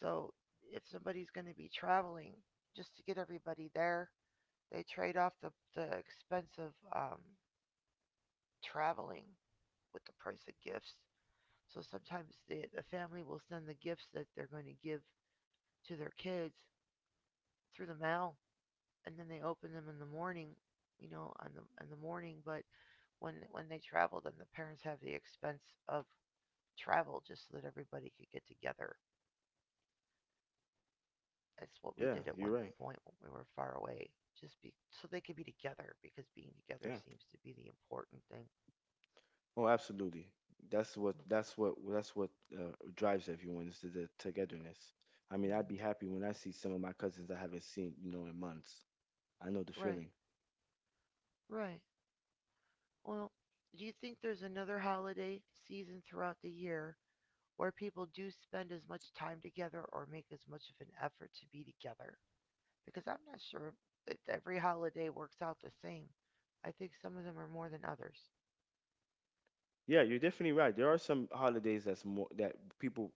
[SPEAKER 1] So if somebody's going to be traveling just to get everybody there, they trade off the expense of traveling with the price of gifts. So sometimes the family will send the gifts that they're going to give to their kids through the mail and then they open them in the morning, you know, on the in the morning. But when they travel, then the parents have the expense of travel just so that everybody could get together. That's what we did
[SPEAKER 2] Yeah,
[SPEAKER 1] at one
[SPEAKER 2] you're right.
[SPEAKER 1] point when we were far away, just be so they could be together because being together
[SPEAKER 2] Yeah.
[SPEAKER 1] seems to be the important thing.
[SPEAKER 2] Oh, absolutely. That's what drives everyone is the togetherness. I mean, I'd be
[SPEAKER 1] Mm-hmm.
[SPEAKER 2] happy when I see some of my cousins I haven't seen in months. I know the
[SPEAKER 1] Right,
[SPEAKER 2] feeling.
[SPEAKER 1] right. Well, do you think there's another holiday season throughout the year where people do spend as much time together or make as much of an effort to be together? Because I'm not sure if every holiday works out the same. I think some of them are more than others,
[SPEAKER 2] Yeah, you're definitely right. There are some holidays that's more that people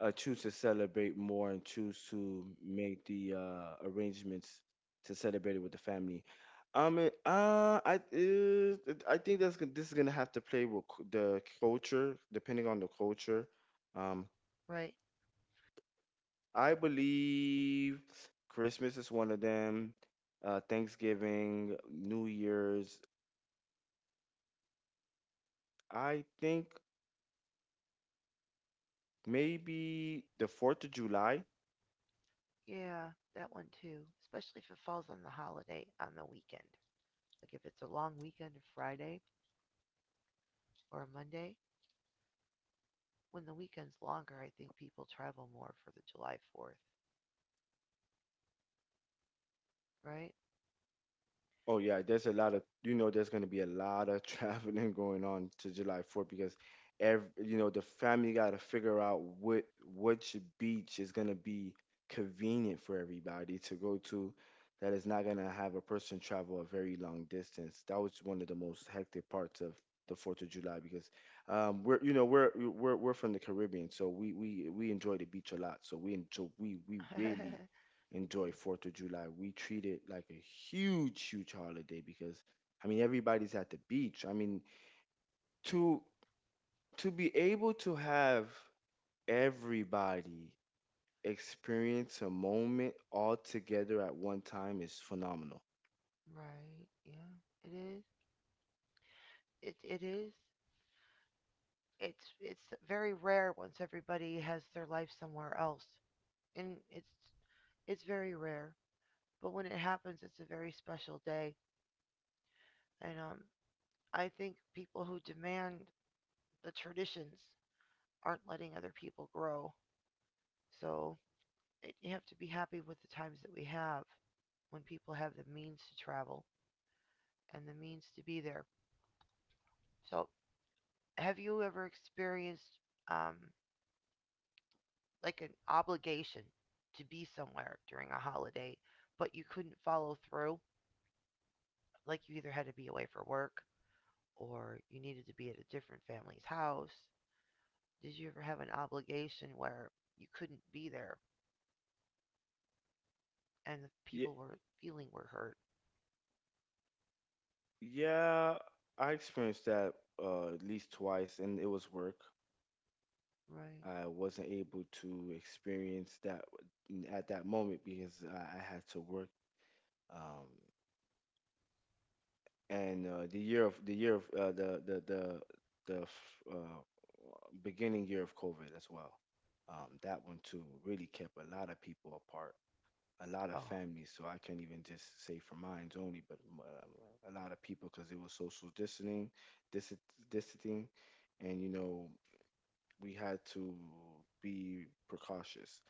[SPEAKER 2] choose to celebrate more and choose to make the arrangements to celebrate it with the family. Um, uh, I think that's gonna, this is gonna have to play with the culture, depending on the culture. Um,
[SPEAKER 1] right?
[SPEAKER 2] I believe Christmas is one of them. Thanksgiving, New Year's. I think maybe the Fourth of July.
[SPEAKER 1] Yeah, that one too. Especially if it falls on the holiday on the weekend. Like if it's a long weekend, a Friday or a Monday. When the weekend's longer, I think people travel more for the July 4th, right?
[SPEAKER 2] Oh yeah, there's gonna be a lot of (laughs) traveling going on to July 4th because every you know the family got to figure out what which beach is gonna be convenient for everybody to go to, that is not gonna have a person travel a very long distance. That was one of the most hectic parts of the 4th of July because we're you know we're from the Caribbean, so we enjoy the beach a lot. So we enjoy we really
[SPEAKER 1] (laughs)
[SPEAKER 2] enjoy Fourth of July. We treat it like a huge, huge holiday because, I mean, everybody's at the beach. I mean, to be able to have everybody experience a moment all together at one time is phenomenal.
[SPEAKER 1] Right. Yeah. It is. It is. It's very rare once everybody has their life somewhere else, and it's very rare, but when it happens it's a very special day. And I think people who demand the traditions aren't letting other people grow. So it, you have to be happy with the times that we have when people have the means to travel and the means to be there. So have you ever experienced um like an obligation to be somewhere during a holiday, but you couldn't follow through? Like you either had to be away for work or you needed to be at a different family's house. Did you ever have an obligation where you couldn't be there and the
[SPEAKER 2] Yeah,
[SPEAKER 1] people were feeling were hurt?
[SPEAKER 2] yeah, I experienced that, at least twice, and it was work.
[SPEAKER 1] Right.
[SPEAKER 2] I wasn't able to experience that at that moment because I had to work. Um, and the year of the beginning year of COVID as well. That one too really kept a lot of people apart, a lot of
[SPEAKER 1] Oh,
[SPEAKER 2] families. So I can't even just say for mine's only, but a lot of people because it was social distancing, dis- distancing, and, you know, we had to be precautious.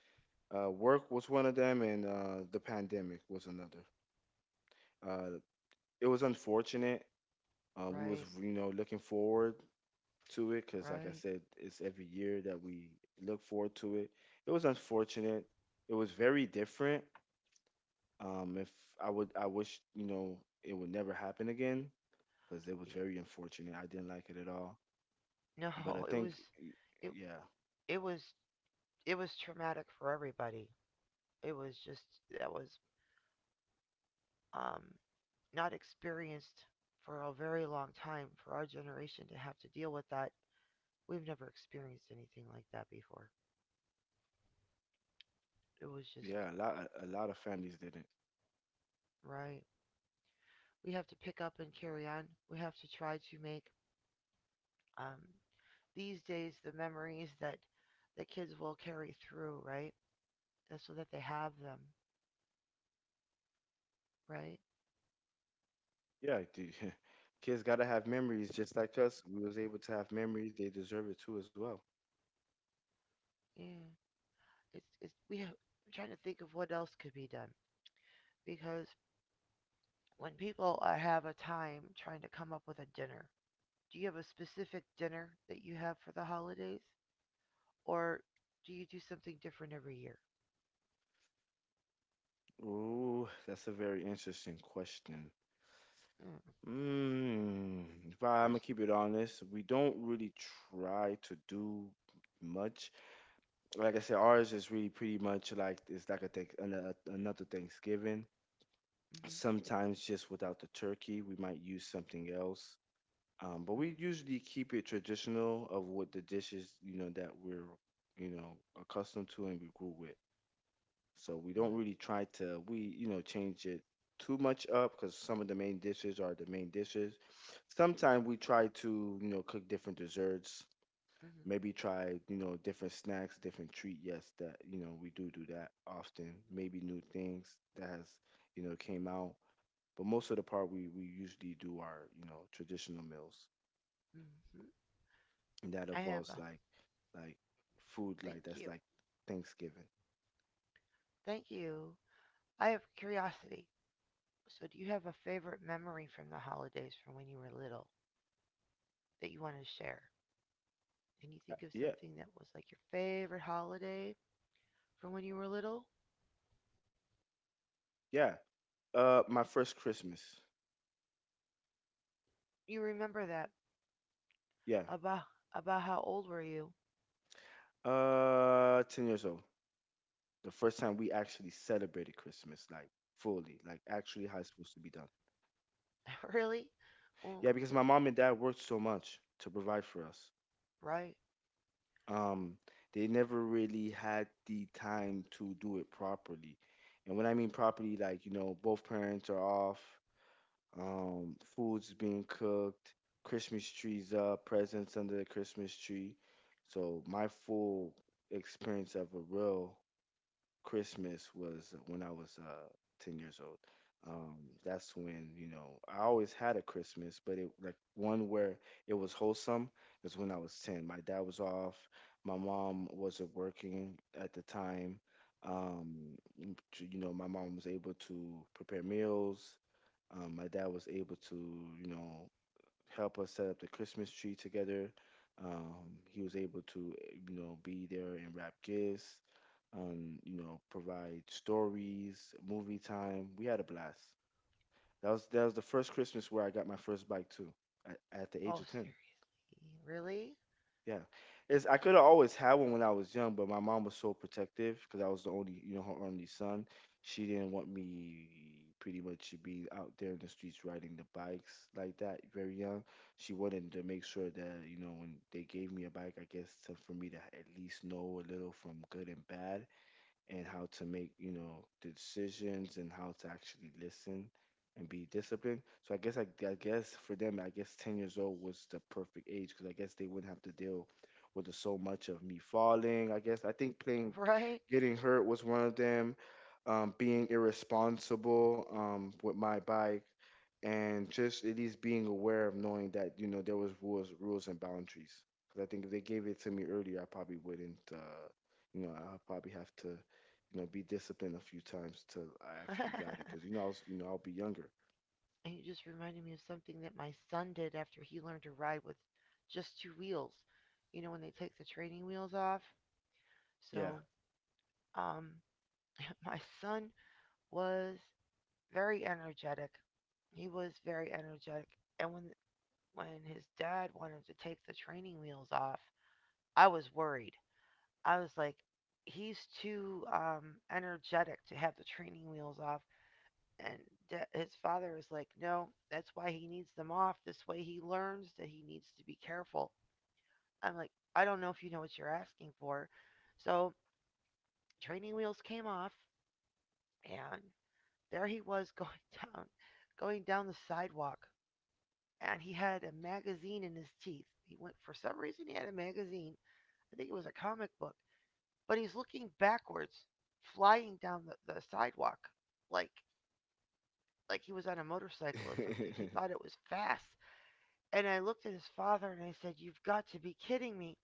[SPEAKER 2] Work was one of them, and the pandemic was another. Uh, it was unfortunate. We was,
[SPEAKER 1] right,
[SPEAKER 2] you know, looking forward to it because, like I
[SPEAKER 1] right.
[SPEAKER 2] said, it's every year that we look forward to it. It was unfortunate. It was very different. If I would, I wish, you know, it would never happen again because it was very
[SPEAKER 1] (laughs)
[SPEAKER 2] unfortunate. I didn't like it at all. But I
[SPEAKER 1] No, it
[SPEAKER 2] think,
[SPEAKER 1] was
[SPEAKER 2] y-
[SPEAKER 1] it
[SPEAKER 2] yeah,
[SPEAKER 1] it was it was traumatic for everybody. It was just that was, um not experienced for a very long time for our generation to have to deal with that. We've never experienced anything like that before. It was just.
[SPEAKER 2] yeah, a lot of families didn't.
[SPEAKER 1] Right. We have to pick up and carry on. We have to try to make um, these days the memories that the kids will carry through, right? That's so that they have them, right?
[SPEAKER 2] Yeah, dude. (laughs) Kids gotta have memories, just like us. We was able to have memories. They deserve it too, as well.
[SPEAKER 1] Yeah. It's, we have, I'm trying to think of what else could be done because when people have a time trying to come up with a dinner, do you have a specific dinner that you have for the holidays, or do you do something different every year?
[SPEAKER 2] Ooh, that's a very interesting question.
[SPEAKER 1] Mm,
[SPEAKER 2] Mm, if I, I'm gonna
[SPEAKER 1] there's,
[SPEAKER 2] keep it honest, we don't really try to do much. Like I said, ours is really pretty much, like, it's like a thank another Thanksgiving.
[SPEAKER 1] hmm.
[SPEAKER 2] Sometimes just without the turkey, we might use something else. But we
[SPEAKER 1] Hmm.
[SPEAKER 2] usually keep it traditional of what the dishes, that we're accustomed to and we grew with. So we don't
[SPEAKER 1] Right.
[SPEAKER 2] really try to we you know change it too much up because some of the main dishes are the main dishes. Sometimes we try to cook different desserts,
[SPEAKER 1] Hmm.
[SPEAKER 2] maybe try different snacks, different treat. Yes, that, we do that often. Maybe new things that has, came out, but most of the part we usually do our, traditional meals,
[SPEAKER 1] Hmm.
[SPEAKER 2] and that
[SPEAKER 1] I have
[SPEAKER 2] involves,
[SPEAKER 1] a
[SPEAKER 2] like, like food, like,
[SPEAKER 1] thank
[SPEAKER 2] that's
[SPEAKER 1] you,
[SPEAKER 2] like Thanksgiving.
[SPEAKER 1] thank you. I have curiosity. So, do you have a favorite memory from the holidays from when you were little that you want to share? Can you think of
[SPEAKER 2] Yeah,
[SPEAKER 1] something that was like your favorite holiday from when you were little?
[SPEAKER 2] yeah. My first Christmas.
[SPEAKER 1] You remember that
[SPEAKER 2] Yeah.
[SPEAKER 1] about about how old were you?
[SPEAKER 2] 10 years old. The first time we actually celebrated Christmas, like, fully, like, actually how it's supposed to be done.
[SPEAKER 1] (laughs) really? Well,
[SPEAKER 2] Yeah, because my mom and dad worked so much to provide for us.
[SPEAKER 1] right.
[SPEAKER 2] Um, they never really had the time to do it properly. And when I mean properly, like, you know, both parents are off, food's being cooked, Christmas trees up, presents under the Christmas tree. So my full experience of a real Christmas was when I was 10 years old. Um, that's when, you know, I always had a Christmas, but it like one where it was wholesome is when I was 10. My dad was off, my mom wasn't working at the time. Um, my mom was able to prepare meals. My dad was able to, you know, help us set up the Christmas tree together. He was able to, be there and wrap gifts, provide stories, movie time. We had a blast. That was the first Christmas where I got my first bike too, at the age of
[SPEAKER 1] Oh,
[SPEAKER 2] 10.
[SPEAKER 1] seriously? Really?
[SPEAKER 2] Yeah, it's I could have always had one when I was young, but my mom was so protective because I was the only, you know, her only son. She didn't want me pretty much to be out there in the streets riding the bikes like that very young. She wanted to make sure that you know when they gave me a bike, for me to at least know a little from good and bad and how to make you know the decisions and how to actually listen and be disciplined. So I guess for them, I guess 10 years old was the perfect age because I guess they wouldn't have to deal with so much of me falling. I guess I think playing,
[SPEAKER 1] Right?
[SPEAKER 2] getting hurt was one of them. Being irresponsible with my bike and just at least being aware of knowing that you know there was rules and boundaries. Because I think if they gave it to me earlier, I probably wouldn't. You know, I probably have to you know, be disciplined a few times till I actually got it. Because
[SPEAKER 1] (laughs)
[SPEAKER 2] you know, I was, you know, I'll be younger.
[SPEAKER 1] And you just reminded me of something that my son did after he learned to ride with just two wheels. You know, when they take the training wheels off.
[SPEAKER 2] Yeah,
[SPEAKER 1] So, um, (laughs) my son was very energetic. He was very energetic. And when his dad wanted to take the training wheels off, I was worried. I was like, he's too energetic to have the training wheels off. And da his father was like, "No, that's why he needs them off. This way he learns that he needs to be careful." I'm like, I don't know if you know what you're asking for. So training wheels came off, and there he was going (laughs) down, going down the sidewalk, and he had a magazine in his teeth. He went for some reason he had a magazine. I think it was a comic book, but he's looking backwards, flying down the sidewalk, like like he was on a motorcycle or something.
[SPEAKER 2] (laughs)
[SPEAKER 1] He thought it was fast. And I looked at his father and I said, "You've got to be kidding me."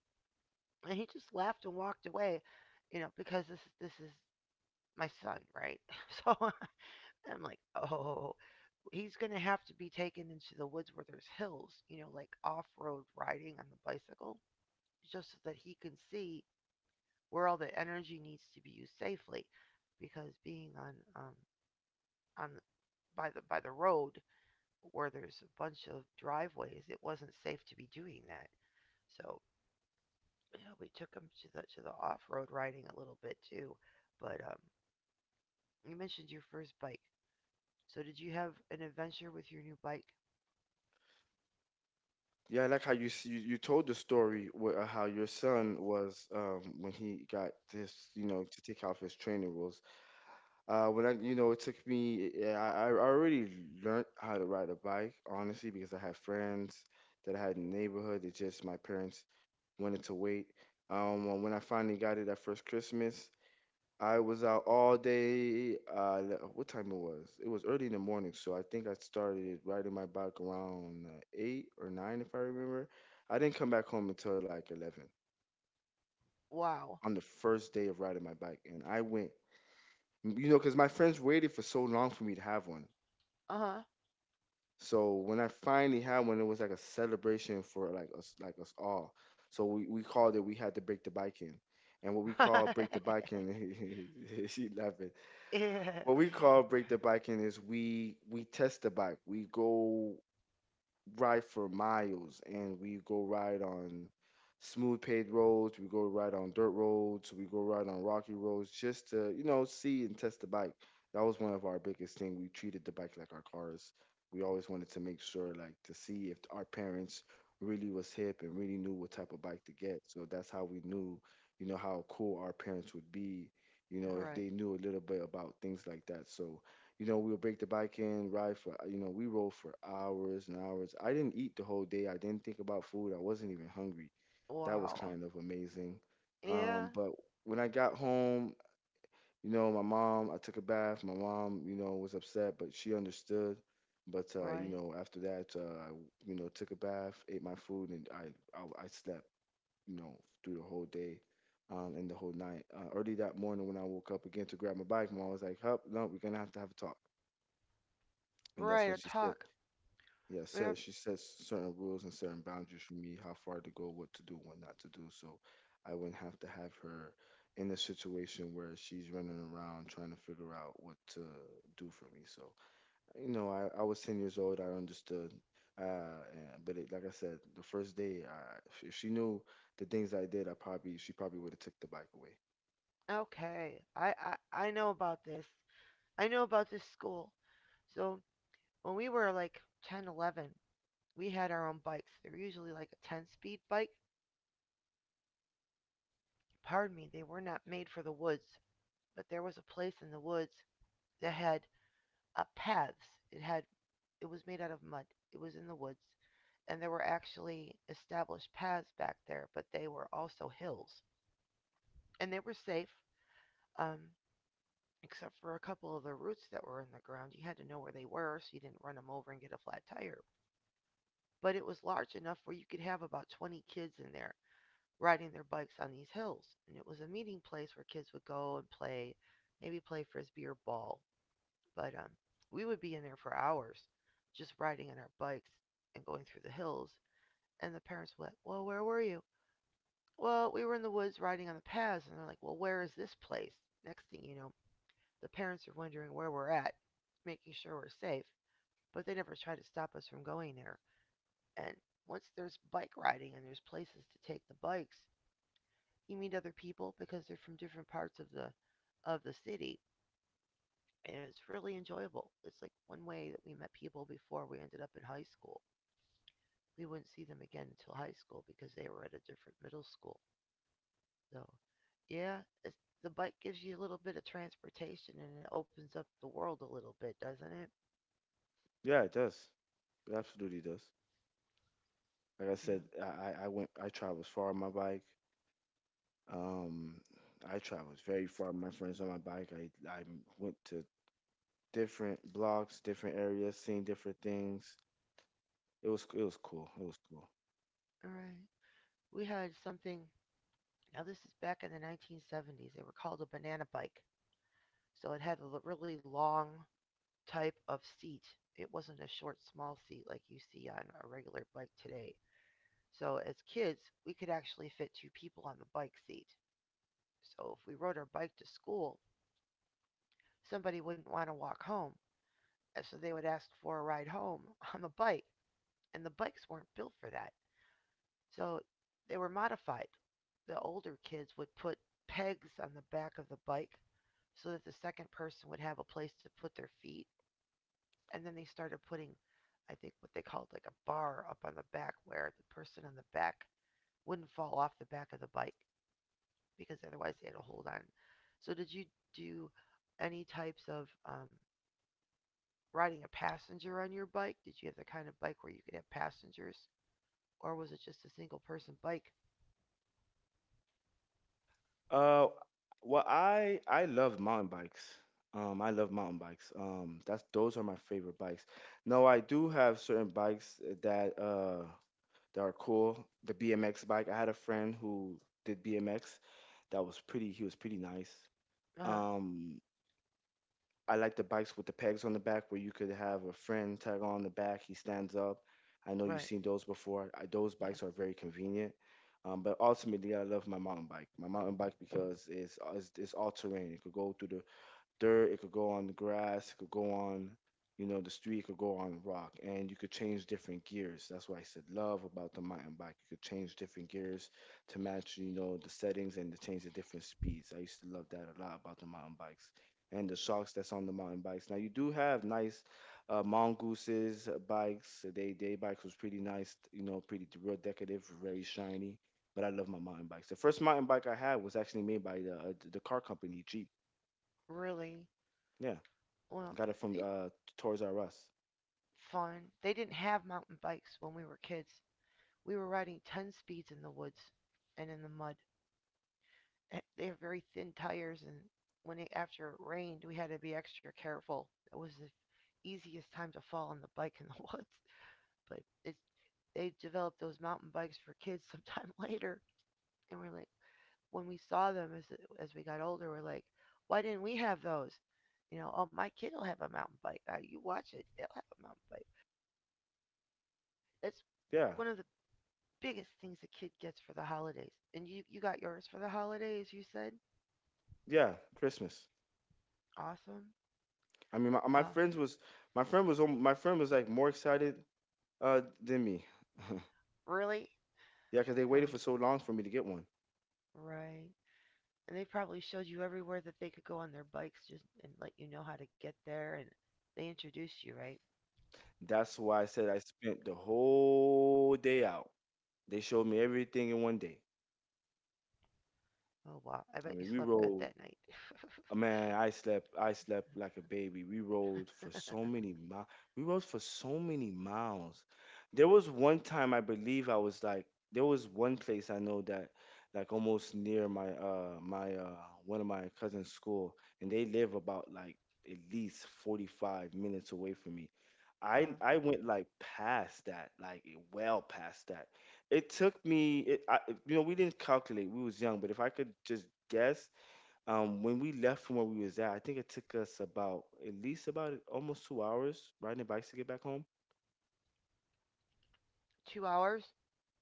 [SPEAKER 1] And he just laughed and walked away, you know, because this is my son, right? (laughs) So (laughs) I'm like, "Oh, he's going to have to be taken into the woods where there's hills, you know, like off-road riding on the bicycle, just so that he can see where all the energy needs to be used safely because being on by the road where there's a bunch of driveways, it wasn't safe to be doing that." So yeah, we took him to the off road riding a little bit too. But you mentioned your first bike. So did you have an adventure with your new bike?
[SPEAKER 2] yeah. I like how you you, you told the story where, how your son was when he got this, you know, to take off his training rules. When I, you know, it took me. Yeah, I already learned how to ride a bike, honestly, because I had friends that I had in the neighborhood. It just my parents wanted to wait. When I finally got it at first Christmas, I was out all day. What time it was? It was early in the morning, so I think I started riding my bike around eight or nine, if I remember. I didn't come back home until like 11
[SPEAKER 1] Wow.
[SPEAKER 2] on the first day of riding my bike, and I went, you know, because my friends waited for so long for me to have one.
[SPEAKER 1] Uh
[SPEAKER 2] So when I finally had one, it was like a celebration for like us all. So we called it. We had to break the bike in, and what we
[SPEAKER 1] huh.
[SPEAKER 2] call break the bike
[SPEAKER 1] (laughs)
[SPEAKER 2] in, (laughs) she laughing.
[SPEAKER 1] yeah.
[SPEAKER 2] What we call break the biking is we test the bike. We go ride for miles and we go ride on smooth paved roads, we go ride on dirt roads, we go ride on rocky roads just to, you know, see and test the bike. That was one of our biggest thing. We treated the bike like our cars. We always wanted to make sure like to see if our parents really was hip and really knew what type of bike to get. So that's how we knew, you know, how cool our parents would be, you know, if
[SPEAKER 1] Right.
[SPEAKER 2] they knew a little bit about things like that. So you know, we'll break the bike in, ride for, you know, we rode for hours and hours. I didn't eat the whole day. I didn't think about food. I wasn't even hungry. That was
[SPEAKER 1] Wow.
[SPEAKER 2] kind of amazing. Um,
[SPEAKER 1] Yeah.
[SPEAKER 2] but when I got home, you know, my mom, I took a bath. My mom, you know, was upset, but she understood. But
[SPEAKER 1] Right.
[SPEAKER 2] after that, you know, took a bath, ate my food, and I slept, you know, through the whole day and the whole night. Early that morning, when I woke up again to grab my bike, mom was like, "Hup, no, we're gonna have to have a talk." And that's
[SPEAKER 1] Right.
[SPEAKER 2] when
[SPEAKER 1] A
[SPEAKER 2] she said,
[SPEAKER 1] talk.
[SPEAKER 2] yeah,
[SPEAKER 1] Yeah.
[SPEAKER 2] said she set certain rules and certain boundaries for me, how far to go, what to do, what not to do. So I wouldn't have to have her in a situation where she's running around trying to figure out what to do for me. So, you know, I was 10 years old. I understood. But it, like I said, the first day, if she knew the things I did, she probably would have took the bike away.
[SPEAKER 1] Okay. I know about this. I know about this school. So when we were like 10, 11, we had our own bikes. They were usually like a 10 speed bike. Pardon me, they were not made for the woods. But there was a place in the woods that had paths. It had it was made out of mud. It was in the woods, and there were actually established paths back there, but they were also hills, and they were safe, um, except for a couple of the roots that were in the ground. You had to know where they were so you didn't run them over and get a flat tire. But it was large enough where you could have about 20 kids in there riding their bikes on these hills, and it was a meeting place where kids would go and play, maybe play frisbee or ball. But we would be in there for hours just riding on our bikes and going through the hills. And the parents were like, well, where were you? Well, we were in the woods riding on the paths. And they're like, well, where is this place? Next thing you know, the parents are wondering where we're at, making sure we're safe. But they never try to stop us from going there. And once there's bike riding and there's places to take the bikes, you meet other people because they're from different parts of the city, and it's really enjoyable. It's like one way that we met people before we ended up in high school. We wouldn't see them again until high school because they were at a different middle school. So, yeah, it's, the bike gives you a little bit of transportation and it opens up the world a little bit, doesn't it?
[SPEAKER 2] Yeah, it does. It absolutely does. Like I
[SPEAKER 1] Yeah.
[SPEAKER 2] said, I went, I traveled far on my bike. Um, I traveled very far with my friends on my bike. I went to different blocks, different areas, seen different things. It was cool. It was cool.
[SPEAKER 1] All right. We had something. Now this is back in the 1970s. They were called a banana bike. So it had a really long type of seat. It wasn't a short, small seat like you see on a regular bike today. So as kids, we could actually fit two people on the bike seat. So if we rode our bike to school, somebody wouldn't want to walk home, so they would ask for a ride home (laughs) on the bike, and the bikes weren't built for that. So they were modified. The older kids would put pegs on the back of the bike so that the second person would have a place to put their feet, and then they started putting I think what they called like a bar up on the back where the person on the back wouldn't fall off the back of the bike, because otherwise they had a hold on. So did you do any types of riding a passenger on your bike? Did you have the kind of bike where you could have passengers, or was it just a single person bike?
[SPEAKER 2] Uh, well, I love mountain bikes. I love mountain bikes. That's Those are my favorite bikes. No, I do have certain bikes that that are cool. The BMX bike. I had a friend who did BMX. That was pretty. He was pretty nice.
[SPEAKER 1] Uh huh.
[SPEAKER 2] Um, I like the bikes with the pegs on the back where you could have a friend tag on the back. He stands up. I know you've
[SPEAKER 1] Right.
[SPEAKER 2] seen those before. Those bikes
[SPEAKER 1] Yes.
[SPEAKER 2] are very convenient. But ultimately, I love my mountain bike. My mountain bike because it's all terrain. It could go through the dirt, it could go on the grass, it could go on, you know, the street, it could go on rock, and you could change different gears. That's why I said love about the mountain bike. You could change different gears to match, you know, the settings and to change the different speeds. I used to love that a lot about the mountain bikes and the shocks that's on the mountain bikes. Now you do have nice mongooses bikes. They bikes was pretty nice, you know, pretty real decorative, very shiny. But I love my mountain bikes. The first mountain bike I had was actually made by the car company Jeep.
[SPEAKER 1] Really.
[SPEAKER 2] Yeah,
[SPEAKER 1] Well,
[SPEAKER 2] got it from
[SPEAKER 1] they
[SPEAKER 2] Toys R Us.
[SPEAKER 1] fun. They didn't have mountain bikes when we were kids. We were riding 10 speeds in the woods and in the mud. Eh, they have very thin tires, and when it after it rained, we had to be extra careful. It was the easiest time to fall on the bike in the (laughs) woods. But it, they developed those mountain bikes for kids (laughs) sometime later. And we're like, when we saw them as we got older, we're like, why didn't we have those? You know, oh, my kid will have a mountain bike. You watch it, they'll have a mountain bike. That's
[SPEAKER 2] Yeah,
[SPEAKER 1] one of the biggest things a kid gets for the holidays. And you got yours for the holidays, you said?
[SPEAKER 2] yeah, Christmas.
[SPEAKER 1] Awesome.
[SPEAKER 2] I mean,
[SPEAKER 1] Uh,
[SPEAKER 2] my friend was my friend was like more excited than me. (laughs)
[SPEAKER 1] really?
[SPEAKER 2] Yeah, 'cause they
[SPEAKER 1] Uh,
[SPEAKER 2] waited for so long for me to get one.
[SPEAKER 1] right. And they probably showed you everywhere that they could go on their bikes just and let you know how to get there and they introduced you, right?
[SPEAKER 2] That's why I said I spent the whole day out. They showed me everything in one day.
[SPEAKER 1] Oh wow, I
[SPEAKER 2] I
[SPEAKER 1] bet
[SPEAKER 2] mean,
[SPEAKER 1] you
[SPEAKER 2] we
[SPEAKER 1] slept good
[SPEAKER 2] rode
[SPEAKER 1] that night.
[SPEAKER 2] Man, I slept like a baby. We rode for so many miles. We rode for so many miles. There was one time I believe I was like There was one place I know that like almost near my my one of my cousin's school and they live about like at least 45 minutes away from me.
[SPEAKER 1] (laughs)
[SPEAKER 2] I
[SPEAKER 1] uh,
[SPEAKER 2] I went like past that, like well past that. It took me it, I, You know, we didn't calculate. We was young, but if I could just guess when we left from where we was at, I think it took us about at least about almost 2 hours riding bikes to get back home.
[SPEAKER 1] 2 hours?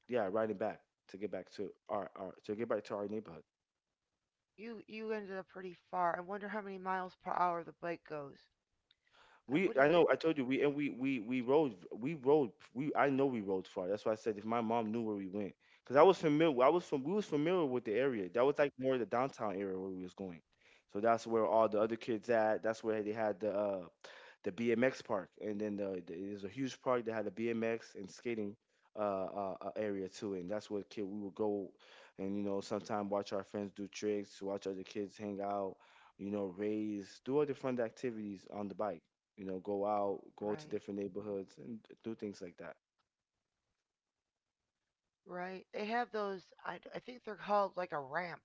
[SPEAKER 2] Yeah, riding back to get back to our neighborhood.
[SPEAKER 1] You you ended up pretty far. I wonder how many miles per hour the bike goes.
[SPEAKER 2] We
[SPEAKER 1] What
[SPEAKER 2] I
[SPEAKER 1] is that?
[SPEAKER 2] know I told you we and we we rode we rode we I know we rode far. That's why I said if my mom knew where we went, because I was familiar I was from we was familiar with the area. That was like more the downtown area where we was going. So that's where all the other kids at. That's where they had the BMX park, and then there's a huge park that had a BMX and skating area too, and that's where kid we would go, and you know sometime watch our friends do tricks, watch other kids hang out, you know raise, do other fun activities on the bike, you know go out, go to
[SPEAKER 1] Right,
[SPEAKER 2] different neighborhoods and do things like that.
[SPEAKER 1] right. They have those. I think they're called like a ramp.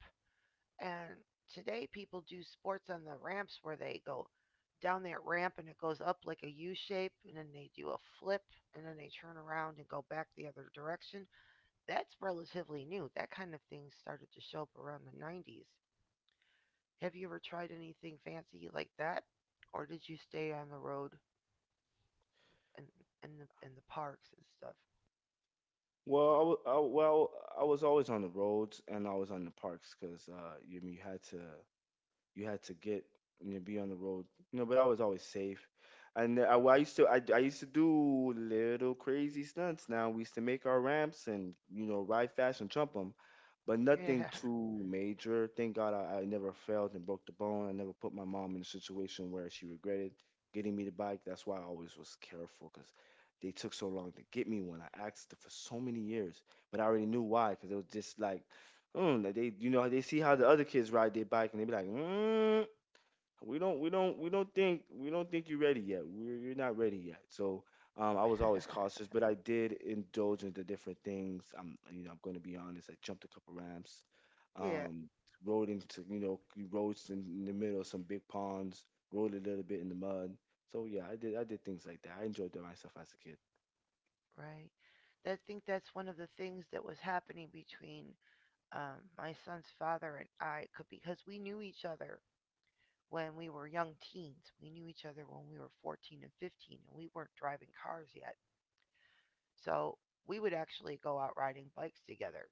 [SPEAKER 1] And today people do sports on the ramps where they go down that ramp and it goes up like a U shape, and then they do a flip, and then they turn around and go back the other direction. That's relatively new. That kind of thing started to show up around the 90s. Have you ever tried anything fancy like that, or did you stay on the road and and the parks and stuff?
[SPEAKER 2] Well, I, wa- I well I was always on the roads and always on the parks because you you had to. You had to get you know be on the road you know but I was always safe and I used to do little crazy stunts now we used to make our ramps and you know ride fast and jump 'em but
[SPEAKER 1] Yeah,
[SPEAKER 2] nothing too major. Thank God I never failed and broke the bone. I never put my mom in a situation where she regretted getting me the bike. That's why I always was careful because they took so long to get me one. I asked for so many years, but I already knew why because it was just like, like they, you know, they see how the other kids ride their bike and they be like, we don't think you're ready yet you're not ready yet so I was always cautious but I did indulge into different things I'm you know I'm going to be honest I jumped a couple ramps
[SPEAKER 1] (laughs) yeah,
[SPEAKER 2] um, rode into you know you roads in the middle of some big ponds rode a little bit in the mud so yeah I did things like that I enjoyed myself as a
[SPEAKER 1] right. I think that's one of the things that was happening between my son's father and I, because we knew each other when we were young teens. We knew each other when we were 14 and 15, and we weren't driving cars yet. So we would actually go out riding bikes together,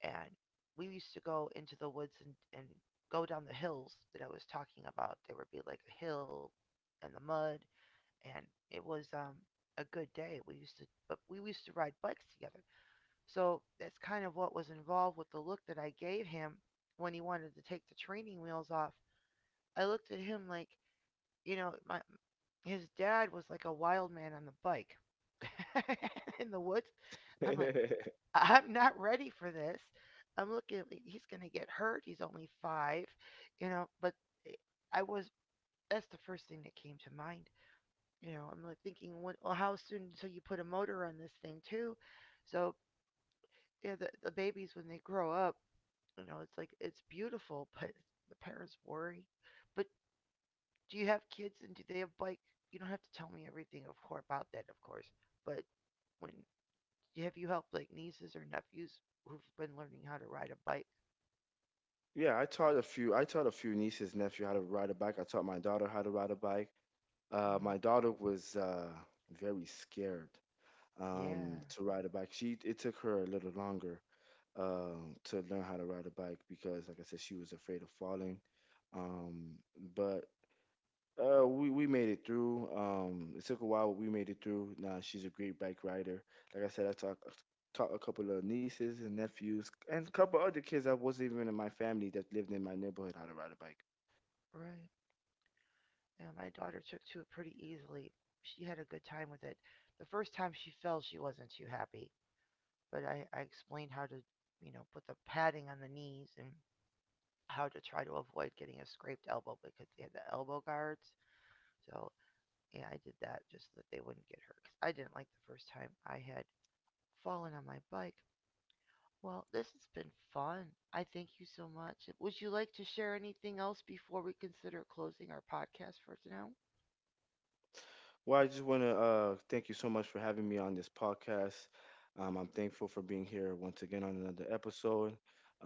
[SPEAKER 1] and we used to go into the woods and go down the hills that I was talking about. There would be like a hill and the mud, and it was a good day. We used to, but we used to ride bikes together. So that's kind of what was involved with the look that I gave him when he wanted to take the training wheels off. I looked at him like, you know, my, his dad was like a wild man on the bike (laughs) in the woods. I'm like,
[SPEAKER 2] kid. (laughs)
[SPEAKER 1] I'm not ready for this. I'm looking at like, he's going to get hurt. He's only 5, you know. But eh, I was that's the first thing that came to mind. You know, I'm like thinking, well, how soon until you put a motor on this thing too? So yeah, the babies when they grow up, you know, it's like it's beautiful, (laughs) but the parents worry. But do you have kids and do they have bike? You don't have to tell me everything of course about that, of course. But when have you helped like nieces or nephews who've been learning how to ride a bike?
[SPEAKER 2] Yeah, I taught a few. I taught a few nieces, nephew how to ride a bike. I taught my daughter how to ride a bike.
[SPEAKER 1] Mm,
[SPEAKER 2] My daughter was very scared.
[SPEAKER 1] yeah,
[SPEAKER 2] To ride a bike. She It took her a little longer to learn how to ride a bike because, like I said, she was afraid of falling. Um, but We made it through. It took a while, but we made it through. Now she's a great bike rider. Like I said, I talk taught a couple of nieces and nephews and a couple other kids that wasn't even in my family that lived in my neighborhood how to ride a bike.
[SPEAKER 1] right. Yeah, my daughter took to it pretty easily. She had a good time with it. The first time she fell, she wasn't too happy, but I explained how to, you know, put the padding on the knees and how to try to avoid getting a scraped elbow because they had the elbow guards. So, yeah, I did that just so that they wouldn't get hurt. Cause I didn't like the first time I had fallen on my bike. Well, this has been fun. I thank you so much. Would you like to share anything else before we consider closing our podcast for now?
[SPEAKER 2] Well, I just want to thank you so much for having me on this podcast. I'm thankful for being here once again on another episode.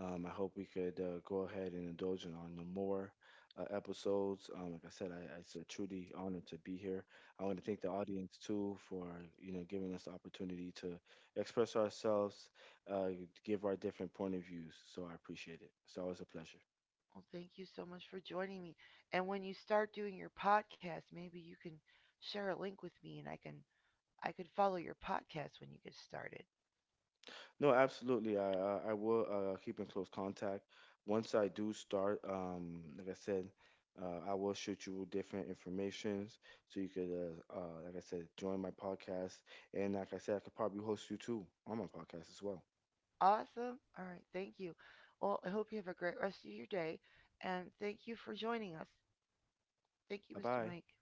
[SPEAKER 2] I hope we could go ahead and indulge in on the more episodes. Like I said, it's a truly honor to be here. I want to thank the audience too for you know giving us the opportunity to express ourselves, uh, give our different point of views. So I appreciate it. It's always a pleasure.
[SPEAKER 1] Well, thank you so much for joining me. And when you start doing your podcast, maybe you can share a link with me and I could follow your podcast when you get started.
[SPEAKER 2] No, absolutely. I will keep in close contact. Once I do start, like I said, I will shoot you different informations so you could, like I said, join my podcast. And like I said, I could probably host you too on my podcast as well.
[SPEAKER 1] Awesome. All right, thank you. Well, I hope you have a great rest of your day and thank you for joining us. Thank you,
[SPEAKER 2] Bye
[SPEAKER 1] Mr.
[SPEAKER 2] bye.
[SPEAKER 1] Mike.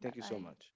[SPEAKER 2] Thank you so much.